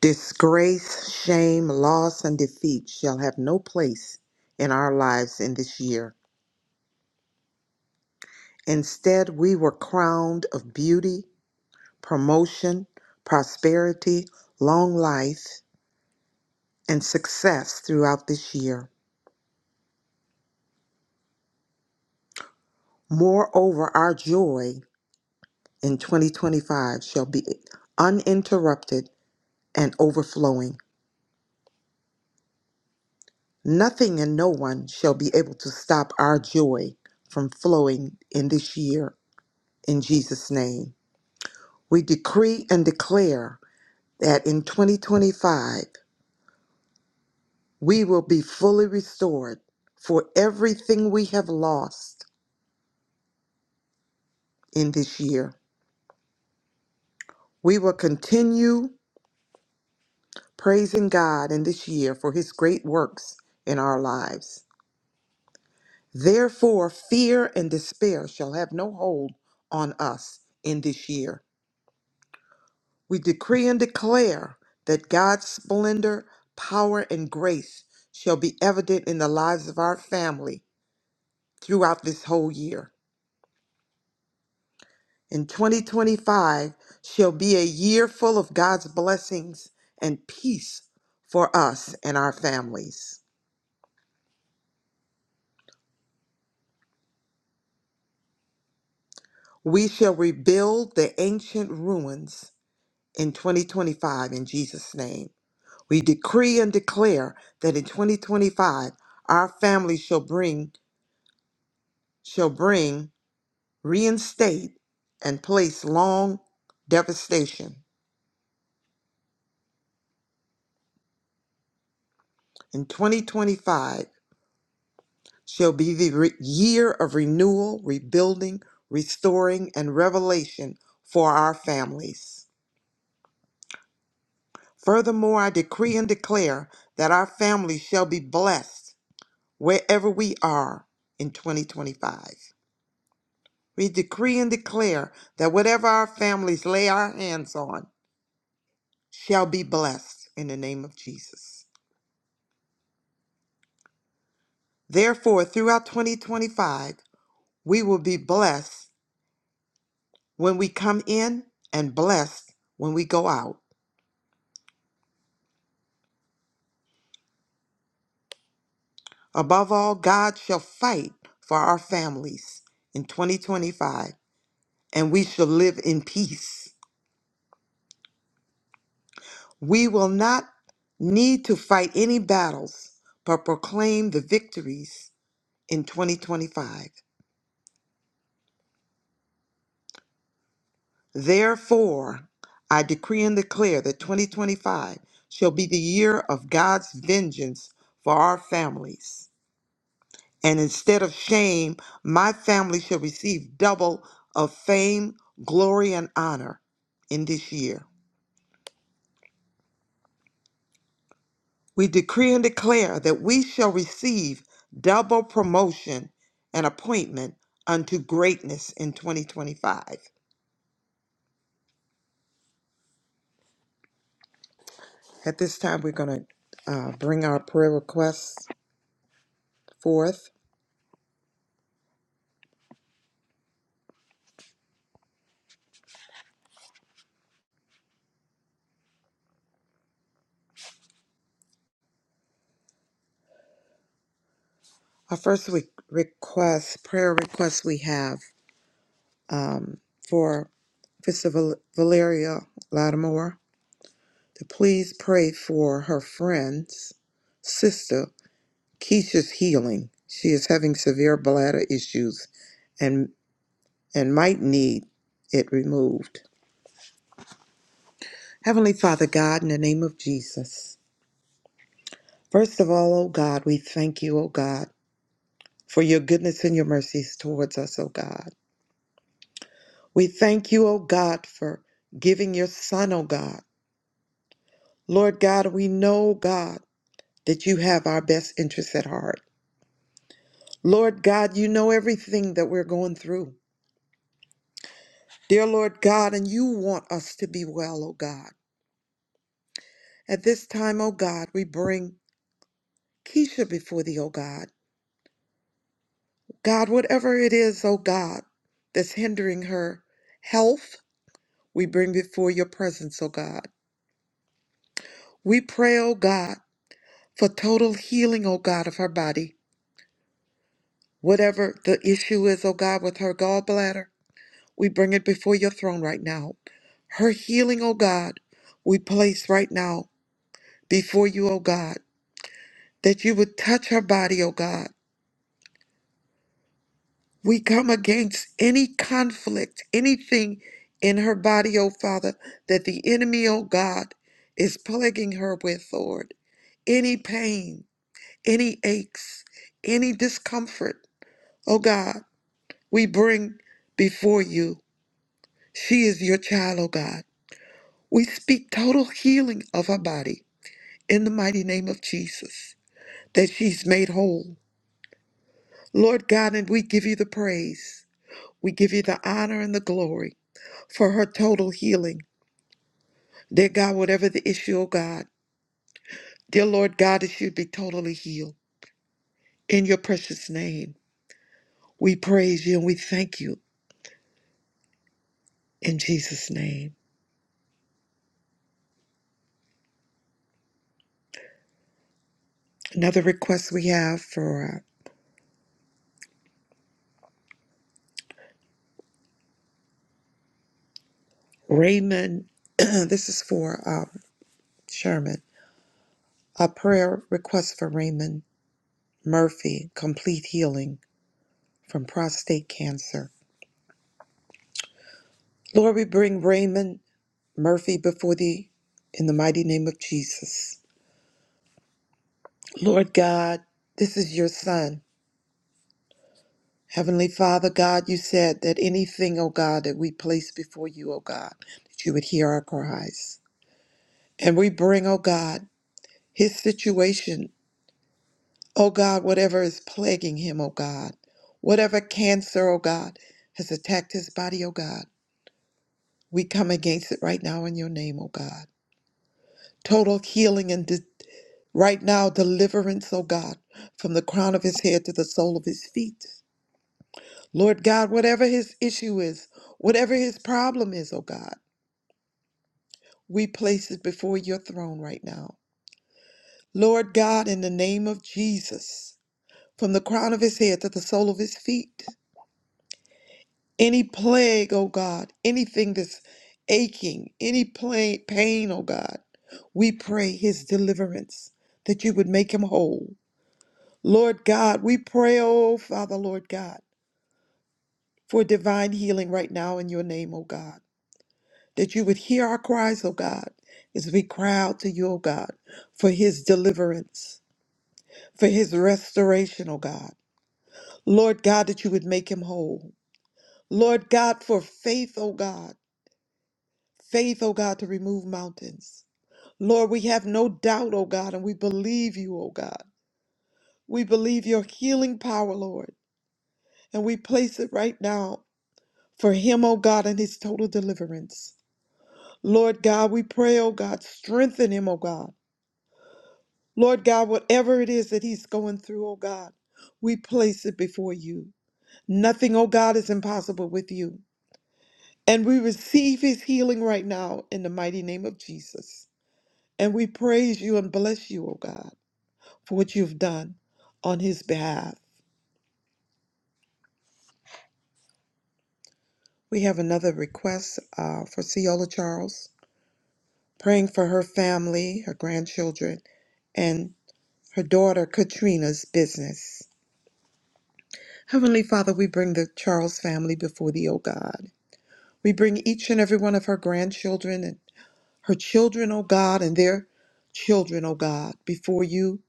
Speaker 5: Disgrace, shame, loss, and defeat shall have no place in our lives in this year. Instead, we were crowned of beauty, promotion, prosperity, long life, and success throughout this year. Moreover, our joy in 2025 shall be uninterrupted and overflowing. Nothing and no one shall be able to stop our joy from flowing in this year in Jesus' name. We decree and declare that in 2025, we will be fully restored for everything we have lost in this year. We will continue praising God in this year for his great works in our lives. Therefore, fear and despair shall have no hold on us in this year We decree and declare that God's splendor, power, and grace shall be evident in the lives of our family throughout this whole year. And 2025 shall be a year full of God's blessings and peace for us and our families. We shall rebuild the ancient ruins in 2025 in Jesus' name. We decree and declare that in 2025 our family shall bring shall bring reinstate, and place long devastation. In 2025 shall be the re- year of renewal, rebuilding, restoring, and revelation for our families. Furthermore, I decree and declare that our families shall be blessed wherever we are in 2025. We decree and declare that whatever our families lay our hands on shall be blessed in the name of Jesus. Therefore, throughout 2025, we will be blessed when we come in and blessed when we go out. Above all, God shall fight for our families in 2025, and we shall live in peace. We will not need to fight any battles, but proclaim the victories in 2025. Therefore, I decree and declare that 2025 shall be the year of God's vengeance for our families. And instead of shame, my family shall receive double of fame, glory, and honor in this year. We decree and declare that we shall receive double promotion and appointment unto greatness in 2025. At this time, we're going to uh, bring our prayer requests forth. Our first re- request, prayer request we have um, for Sister Val- Valeria Lattimore to please pray for her friend's sister Keisha's healing. She is having severe bladder issues and and might need it removed. Heavenly Father God, in the name of Jesus. First of all, O God, we thank you, O God, for your goodness and your mercies towards us, O God. We thank you, O God, for giving your son, O God. Lord God, we know, God, that you have our best interests at heart. Lord God, you know everything that we're going through. Dear Lord God, and you want us to be well, O God. At this time, O God, we bring Keisha before thee, O God. God, whatever it is, O God, that's hindering her health, we bring before your presence, O God. We pray, O God, for total healing, O God, of her body. Whatever the issue is, oh God, with her gallbladder, we bring it before your throne right now. Her healing, oh God, we place right now before you, oh God, that you would touch her body, oh God. We come against any conflict, anything in her body, oh Father, that the enemy, oh God, is plaguing her with, Lord. Any pain, any aches, any discomfort, oh God, we bring before you. She is your child, O God. We speak total healing of her body in the mighty name of Jesus, that she's made whole. Lord God, and we give you the praise. We give you the honor and the glory for her total healing. Dear God, whatever the issue, O God, dear Lord God, it should be totally healed. In your precious name, we praise you and we thank you in Jesus' name. Another request we have for uh, Raymond. this is for um, Sherman. A prayer request for Raymond Murphy, complete healing from prostate cancer. Lord, we bring Raymond Murphy before thee in the mighty name of Jesus. Lord God, this is your son. Heavenly Father, God, you said that anything, O God, that we place before you, O God, that you would hear our cries. And we bring, O God, his situation, O God, whatever is plaguing him, O God, whatever cancer, O God, has attacked his body, O God. We come against it right now in your name, oh God. Total healing and de- right now deliverance, oh God, from the crown of his head to the sole of his feet. Lord God, whatever his issue is, whatever his problem is, oh God, we place it before your throne right now. Lord God, in the name of Jesus, from the crown of his head to the sole of his feet. Any plague, oh God, anything that's aching, any pla- pain, oh God, we pray his deliverance, that you would make him whole. Lord God, we pray, oh Father, Lord God, for divine healing right now in your name, oh God, that you would hear our cries, oh God, as we cry out to you, oh God, for his deliverance, for his restoration, oh God. Lord God, that you would make him whole. Lord God, for faith, oh God. faith, oh God, to remove mountains. Lord, we have no doubt, oh God, and we believe you, oh God. We believe your healing power, Lord, and we place it right now for him, oh God, and his total deliverance. Lord God, we pray, oh God, strengthen him, oh God. Lord God, whatever it is that he's going through, oh God, we place it before you. Nothing, oh God, is impossible with you. And we receive his healing right now in the mighty name of Jesus. And we praise you and bless you, oh God. for what you've done on his behalf. We have another request uh, for Ciola Charles, praying for her family, her grandchildren, and her daughter Katrina's business. Heavenly Father, we bring the Charles family before thee, O God. We bring each and every one of her grandchildren and her children, O God, and their children, O God, before you.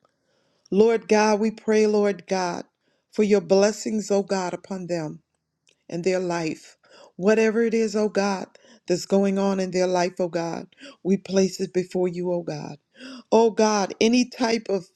Speaker 5: Lord God, we pray, Lord God, for your blessings, O God, upon them. in their life. Whatever it is, oh God, that's going on in their life, oh God, we place it before you, oh God. Oh God, any type of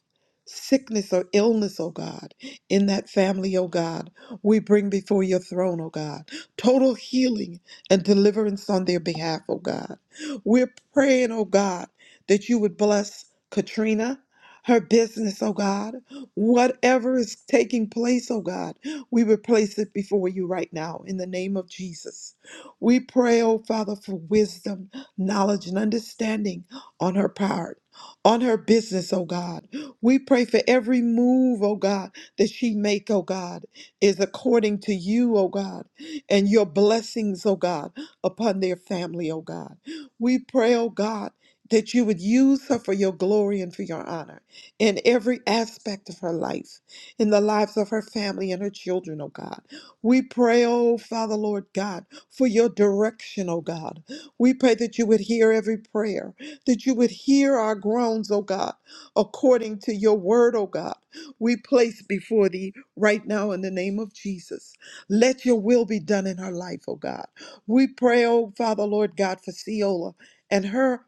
Speaker 5: sickness or illness, oh God, in that family, oh God, we bring before your throne, oh God. Total healing and deliverance on their behalf, oh God. We're praying, oh God, that you would bless Katrina, her business, oh God. Whatever is taking place, oh God, we replace it before you right now in the name of Jesus. We pray, oh Father, for wisdom, knowledge, and understanding on her part, on her business, oh God. We pray for every move, oh God, that she make, oh God, is according to you, oh God, and your blessings, oh God, upon their family, oh God. We pray, oh God, that you would use her for your glory and for your honor in every aspect of her life in the lives of her family and her children, oh God. We pray, oh Father, Lord God, for your direction, oh God. We pray that you would hear every prayer, that you would hear our groans, oh God, according to your word, oh God. We place before thee right now in the name of Jesus. Let your will be done in her life, oh God. We pray, oh Father, Lord God, for Ceola and her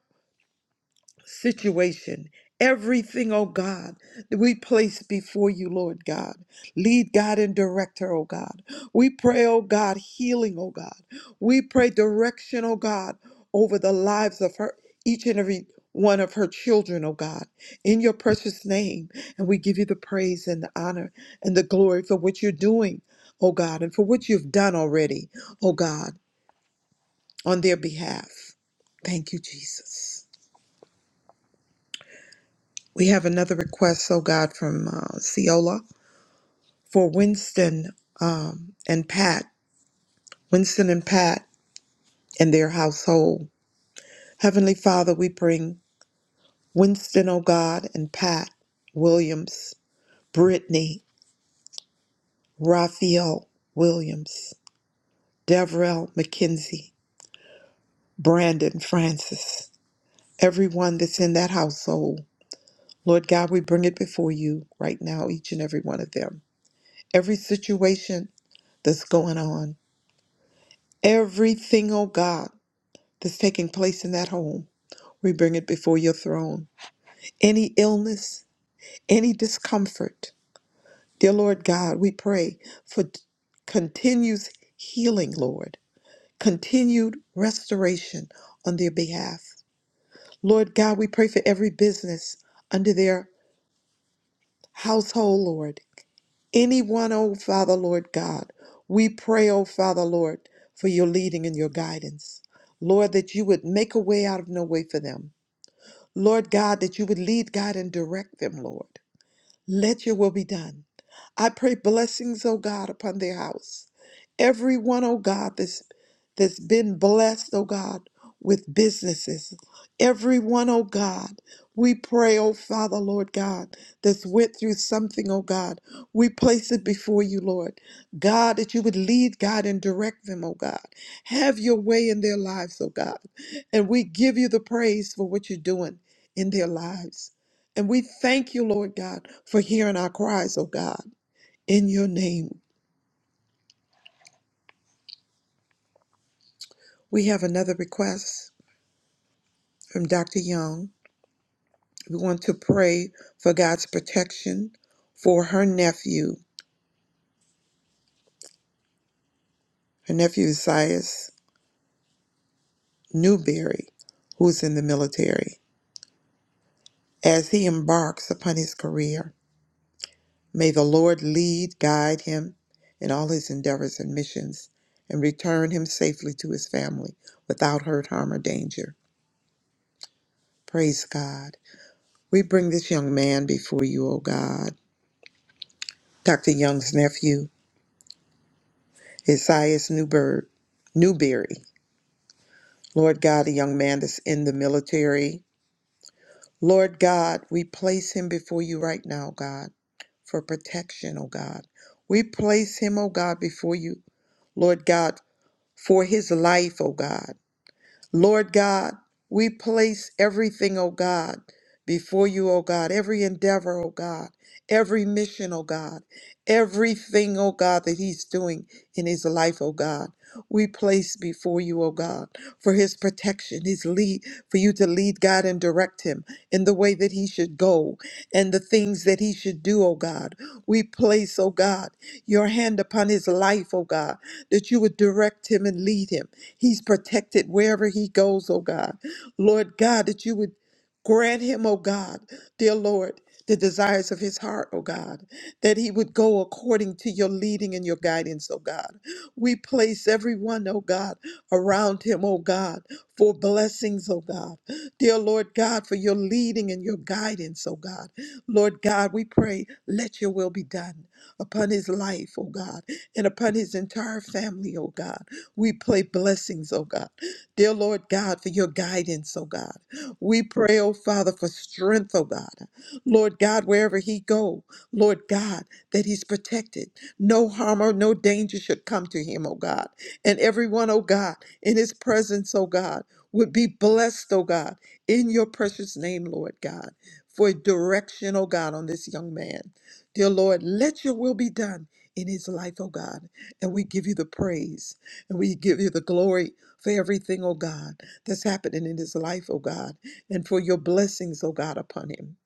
Speaker 5: situation. Everything, oh God, that we place before you, Lord God. Lead God and direct her, oh God. We pray, oh God, healing, oh God. We pray direction, oh God, over the lives of her, each and every one of her children, oh God, in your precious name. And we give you the praise and the honor and the glory for what you're doing, oh God, and for what you've done already, oh God, on their behalf. Thank you, Jesus. We have another request, oh God, from uh, Ciola for Winston um, and Pat, Winston and Pat and their household. Heavenly Father, we bring Winston, oh God, and Pat Williams, Brittany, Raphael Williams, Devrell McKenzie, Brandon Francis, everyone that's in that household. Lord God, we bring it before you right now, each and every one of them. Every situation that's going on. Everything, oh God, that's taking place in that home, we bring it before your throne. Any illness, any discomfort, dear Lord God, we pray for t- continues healing, Lord, continued restoration on their behalf. Lord God, we pray for every business under their household, Lord. Anyone, oh Father, Lord God, we pray, oh Father, Lord, for your leading and your guidance. Lord, that you would make a way out of no way for them. Lord God, that you would lead, God, and direct them, Lord. Let your will be done. I pray blessings, oh God, upon their house. Everyone, oh God, that's that's been blessed, oh God, with businesses. Everyone, oh God, we pray, oh Father, Lord God, that's went through something, oh God. We place it before you, Lord. God, that you would lead, God, and direct them, oh God. Have your way in their lives, oh God. And we give you the praise for what you're doing in their lives. And we thank you, Lord God, for hearing our cries, oh God, in your name. We have another request from Dr. Young. We want to pray for God's protection for her nephew, her nephew Zias Newberry, who's in the military. As he embarks upon his career, may the Lord lead, guide him in all his endeavors and missions, and return him safely to his family without hurt, harm, or danger. Praise God. We bring this young man before you, O God. Dr. Young's nephew, Isaias Newberg, Newberry. Lord God, a young man that's in the military. Lord God, we place him before you right now, God, for protection, O God. We place him, O God, before you, Lord God, for his life, O God. Lord God, we place everything, O God, before you, O God, every endeavor, O God, every mission, O God, everything, O God, that he's doing in his life, O God. We place before you, O God, for his protection, his lead, for you to lead God and direct him in the way that he should go and the things that he should do, O God. We place, O God, your hand upon his life, O God, that you would direct him and lead him He's protected wherever he goes, oh God. Lord God, that you would grant him, oh God, dear Lord, the desires of his heart, oh God, that he would go according to your leading and your guidance, oh God. We place everyone, oh God, around him, oh God, for blessings, oh God. Dear Lord God, for your leading and your guidance, oh God. Lord God, we pray, let your will be done upon his life, oh God, and upon his entire family, oh God. We pray blessings, oh God. Dear Lord God, for your guidance, oh God. We pray, oh Father, for strength, oh God. Lord God, wherever he go, Lord God, that he's protected. No harm or no danger should come to him, oh God. And everyone, oh God, in his presence, oh God, would be blessed, oh God, in your precious name, Lord God, for direction, oh God, on this young man. Dear Lord, let your will be done in his life, oh God. And we give you the praise and we give you the glory for everything, oh God, that's happening in his life, oh God, and for your blessings, oh God, upon him.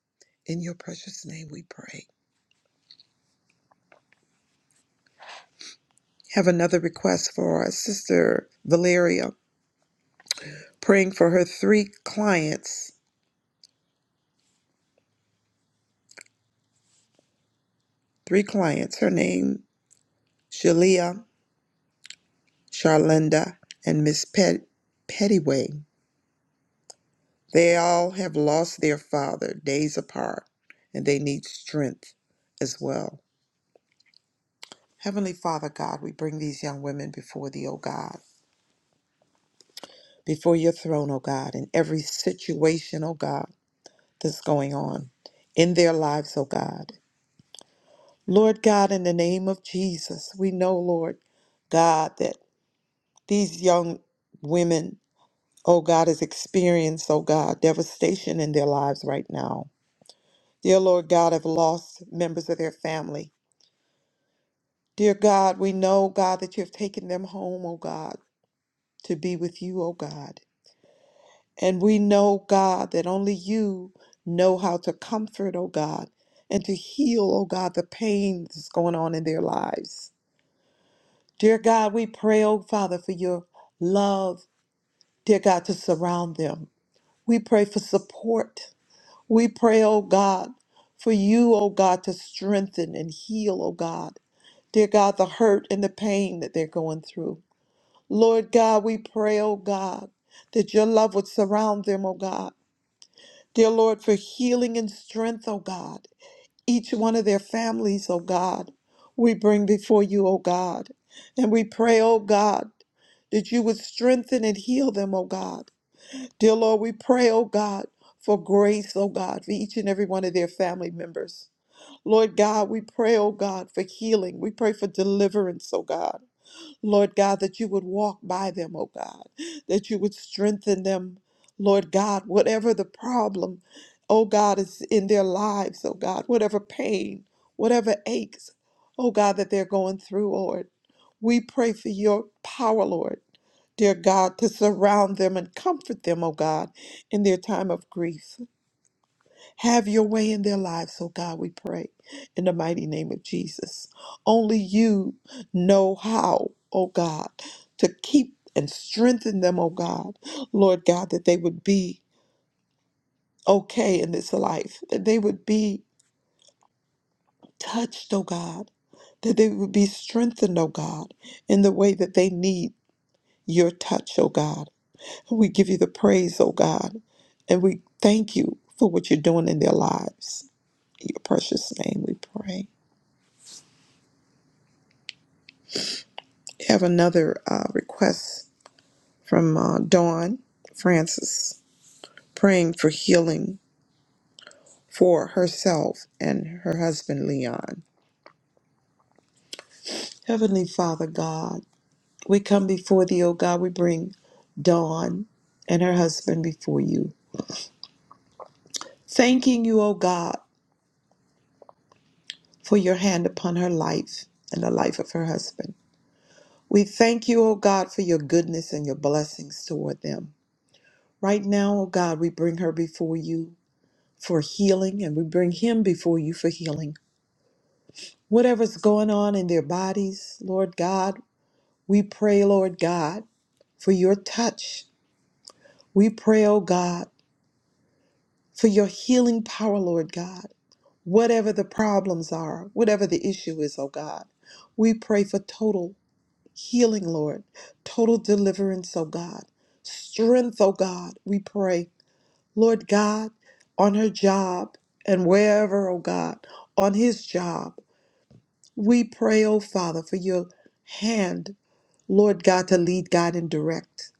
Speaker 5: In your precious name we pray. Have another request for our sister Valeria, praying for her three clients, three clients, her name, Shalia, Charlinda, and Miss Pet- Pettyway. They all have lost their father days apart, and they need strength as well. Heavenly Father God, we bring these young women before thee, O God, before your throne, O God, in every situation, O God, that's going on in their lives, O God. Lord God, in the name of Jesus, we know, Lord God, that these young women, oh God, has experienced, oh God, devastation in their lives right now. Dear Lord God, have lost members of their family Dear God, we know, God, that you have taken them home, O God, to be with you, O God. And we know, God, that only you know how to comfort, O God, and to heal, O God, the pain that's going on in their lives. Dear God, we pray, O Father, for your love, dear God, to surround them. We pray for support. We pray, O God, for you, O God, to strengthen and heal, O God. Dear God, the hurt and the pain that they're going through. Lord God, we pray, oh God, that your love would surround them, oh God. Dear Lord, for healing and strength, oh God. Each one of their families, oh God, we bring before you, oh God. And we pray, oh God, that you would strengthen and heal them, oh God. Dear Lord, we pray, oh God, for grace, oh God, for each and every one of their family members. Lord God, we pray, oh God, for healing. We pray for deliverance, oh God. Lord God, that you would walk by them, oh God, that you would strengthen them, Lord God, whatever the problem, oh God, is in their lives, oh God, whatever pain, whatever aches, oh God, that they're going through, Lord. We pray for your power, Lord, dear God, to surround them and comfort them, oh God, in their time of grief. Have your way in their lives, oh God, we pray in the mighty name of Jesus. Only you know how, oh God, to keep and strengthen them, oh God, Lord God, that they would be okay in this life, that they would be touched, oh God, that they would be strengthened, oh God, in the way that they need your touch, oh God. We give you the praise, oh God, and we thank you for what you're doing in their lives. In your precious name we pray. have another uh, request from uh, Dawn Francis, praying for healing for herself and her husband Leon. Heavenly Father God, we come before thee, O God. We bring Dawn and her husband before you, thanking you, O God, for your hand upon her life and the life of her husband. We thank you, O God, for your goodness and your blessings toward them. Right now, O God, we bring her before you for healing, and we bring him before you for healing. Whatever's going on in their bodies, Lord God, we pray, Lord God, for your touch. We pray, oh God, for your healing power, Lord God. Whatever the problems are, whatever the issue is, oh God, we pray for total healing, Lord, total deliverance, oh God, strength, oh God, we pray, Lord God, on her job and wherever, oh God, on his job. We pray, oh Father, for your hand, Lord God, to lead, guide, and direct.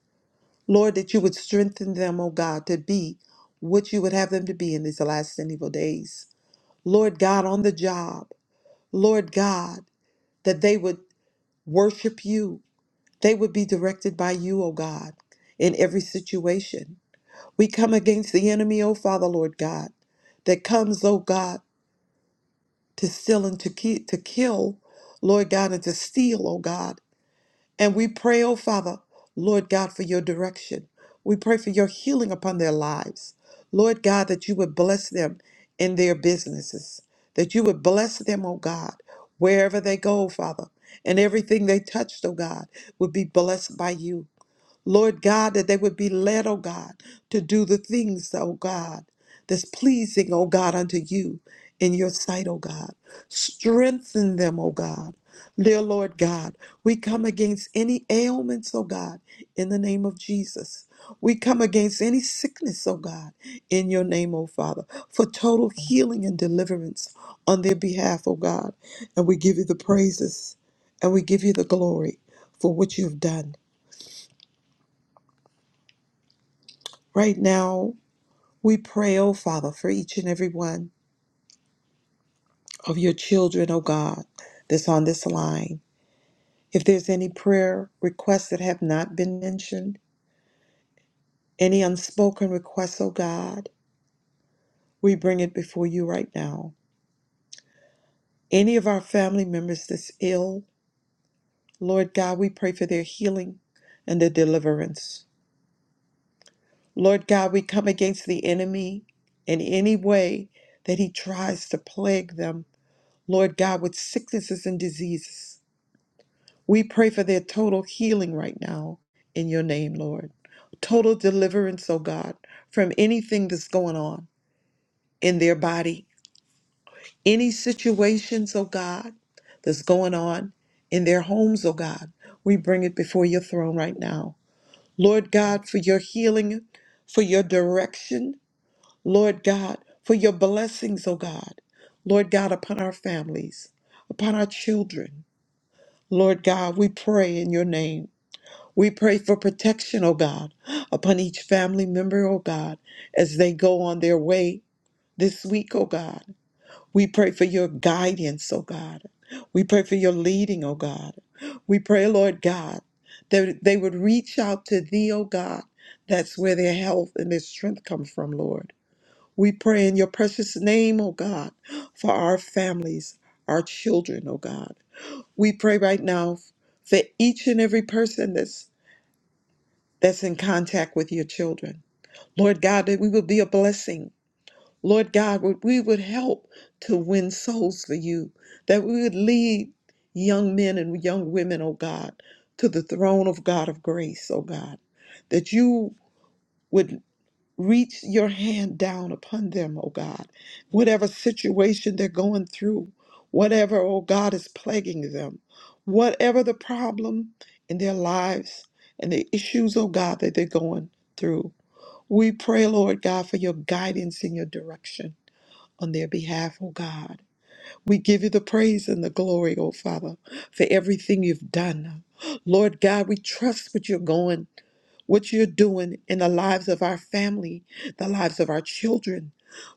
Speaker 5: Lord, that you would strengthen them, oh God, to be what you would have them to be in these last and evil days. Lord God, on the job, Lord God, that they would worship you. They would be directed by you, oh God, in every situation. We come against the enemy, oh Father, Lord God, that comes, oh God, to steal and to, ki- to kill, Lord God, and to steal, oh God. And we pray, oh Father, Lord God, for your direction. We pray for your healing upon their lives. Lord God, that you would bless them in their businesses, that you would bless them, oh God, wherever they go, Father. And everything they touched, oh God, would be blessed by you. Lord God, that they would be led, oh God, to do the things, oh God, that's pleasing, oh God, unto you in your sight, oh God. Strengthen them, oh God. Dear Lord God, we come against any ailments, oh God, in the name of Jesus. We come against any sickness, oh God, in your name, oh Father, for total healing and deliverance on their behalf, oh God. And we give you the praises and we give you the glory for what you've done right now We pray, oh Father, for each and every one of your children, oh God, that's on this line. If there's any prayer requests that have not been mentioned, any unspoken requests, oh God, we bring it before you right now. Any of our family members that's ill, Lord God, we pray for their healing and their deliverance. Lord God, we come against the enemy in any way that he tries to plague them, Lord God, with sicknesses and diseases. We pray for their total healing right now in your name, Lord. Total deliverance, oh God, from anything that's going on in their body, any situations, oh God, that's going on in their homes, oh God. We bring it before your throne right now. Lord God, for your healing, for your direction, Lord God, for your blessings, oh God. Lord God, upon our families, upon our children. Lord God, we pray in your name. We pray for protection, oh God, upon each family member, oh God, as they go on their way this week, oh God. We pray for your guidance, oh God. We pray for your leading, oh God. We pray, Lord God, that they would reach out to thee, oh God. That's where their health and their strength come from, Lord. We pray in your precious name, oh God, for our families, our children, oh God. We pray right now for each and every person that's that's in contact with your children. Lord God, that we would be a blessing. Lord God, that we would help to win souls for you, that we would lead young men and young women, oh God, to the throne of God of grace, oh God, that you would. Reach your hand down upon them, O God. Whatever situation they're going through, whatever, O God, is plaguing them, whatever the problem in their lives and the issues, O God, that they're going through. We pray, Lord God, for your guidance and your direction on their behalf, O God. We give you the praise and the glory, O Father, for everything you've done. Lord God, we trust what you're going what you're doing in the lives of our family, the lives of our children.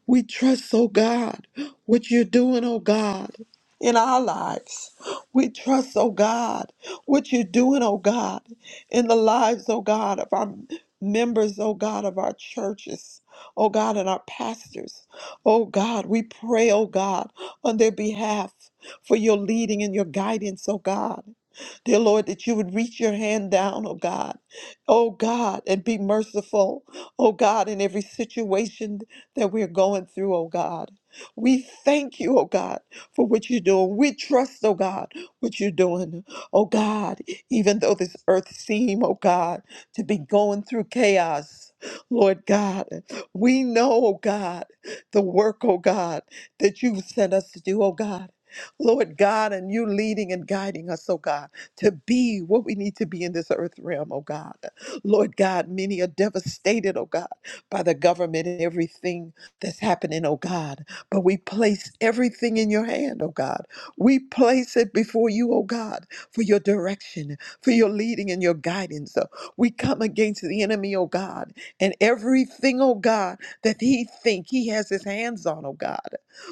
Speaker 5: We trust, oh God, what you're doing, oh God, in our lives. We trust, oh God, what you're doing, oh God, in the lives, oh God, of our members, oh God, of our churches, oh God, and our pastors. Oh God, we pray, oh God, on their behalf for your leading and your guidance, oh God. Dear Lord, that you would reach your hand down, oh God oh God, and be merciful, oh God, in every situation that we're going through, oh God. We thank you, oh God, for what you're doing. We trust, oh God, what you're doing. Oh God, even though this earth seem, oh God, to be going through chaos, Lord God, we know, oh God, the work, oh God, that you sent us to do, oh God. Lord God, and you leading and guiding us, oh God, to be what we need to be in this earth realm, oh God. Lord God, many are devastated, oh God, by the government and everything that's happening, oh God. But we place everything in your hand, oh God. We place it before you, oh God, for your direction, for your leading and your guidance. Uh, We come against the enemy, oh God, and everything, oh God, that he think he has his hands on, oh God.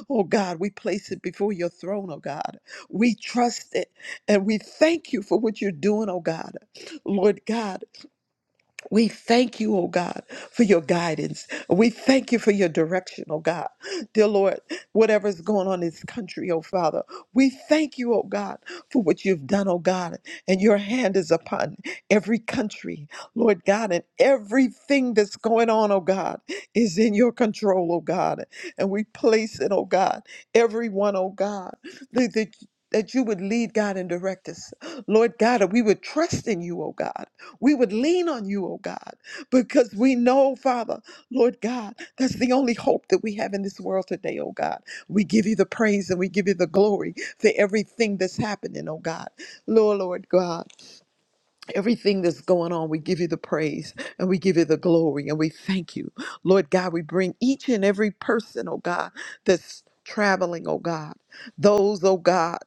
Speaker 5: Oh God, we place it before your throne, oh God. We trust it and we thank you for what you're doing, oh God. Lord God, we thank you, oh God, for your guidance. We thank you for your direction, oh God. Dear Lord, whatever's going on in this country, oh Father, we thank you, oh God, for what you've done, oh God. And your hand is upon every country, Lord God, and everything that's going on, oh God, is in your control, oh God. And we place it, oh God, everyone, oh God, that, that that you would lead, God, and direct us. Lord God, that we would trust in you, oh God we would lean on you, oh God, because we know, Father, Lord God, that's the only hope that we have in this world today, oh God. We give you the praise and we give you the glory for everything that's happening, oh God. Lord, Lord God. Everything that's going on, we give you the praise and we give you the glory and we thank you. Lord God, we bring each and every person, oh God, that's traveling, oh God. Those, oh God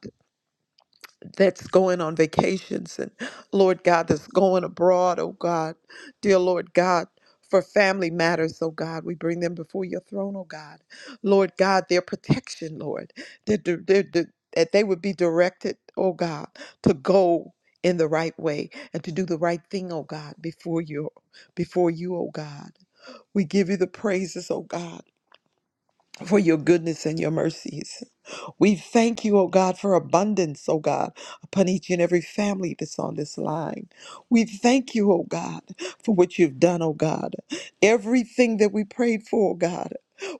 Speaker 5: that's going on vacations and Lord God that's going abroad, oh God. Dear Lord God, for family matters, oh God, we bring them before your throne, oh God. Lord God, their protection, Lord, their, their, their, their- that they would be directed, oh God, to go in the right way and to do the right thing, oh God, before you, before you, oh God. We give you the praises, oh God for your goodness and your mercies. We thank you, O God, for abundance, O God, upon each and every family that's on this line. We thank you, O God, for what you've done, O God. Everything that we prayed for, O God,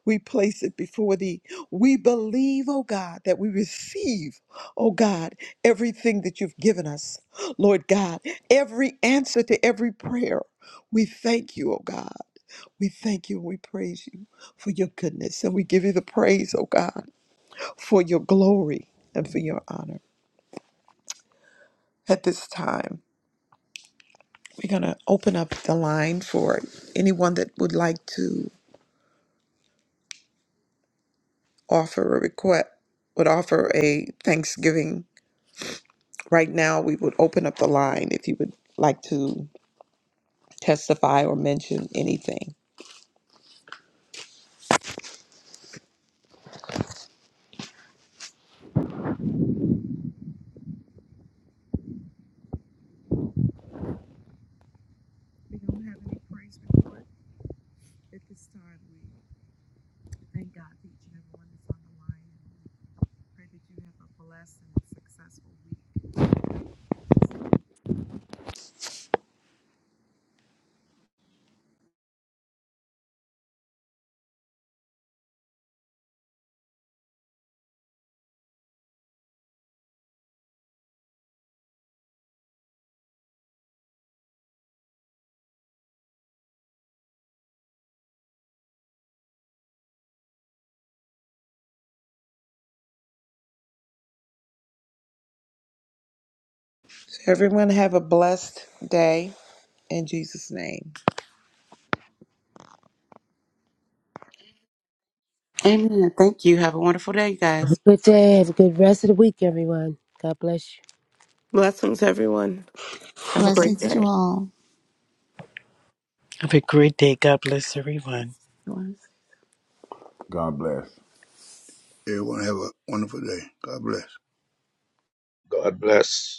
Speaker 5: we place it before thee. We believe, O God, that we receive, O God, everything that you've given us. Lord God, every answer to every prayer. We thank you, O God. We thank you and we praise you for your goodness. And we give you the praise, oh God, for your glory and for your honor. At this time, we're going to open up the line for anyone that would like to offer a request, would offer a thanksgiving. Right now, we would open up the line if you would like to testify or mention anything. So everyone have a blessed day in Jesus' name.
Speaker 4: Amen. Thank you. Have a wonderful day, you guys.
Speaker 6: Have a Good day. Have a good rest of the week, everyone. God bless you.
Speaker 7: Blessings, everyone. Have a great
Speaker 3: Blessings to
Speaker 7: day.
Speaker 3: all.
Speaker 2: Have a great day. God bless everyone.
Speaker 3: God bless.
Speaker 8: Everyone have a wonderful day. God bless.
Speaker 9: God bless.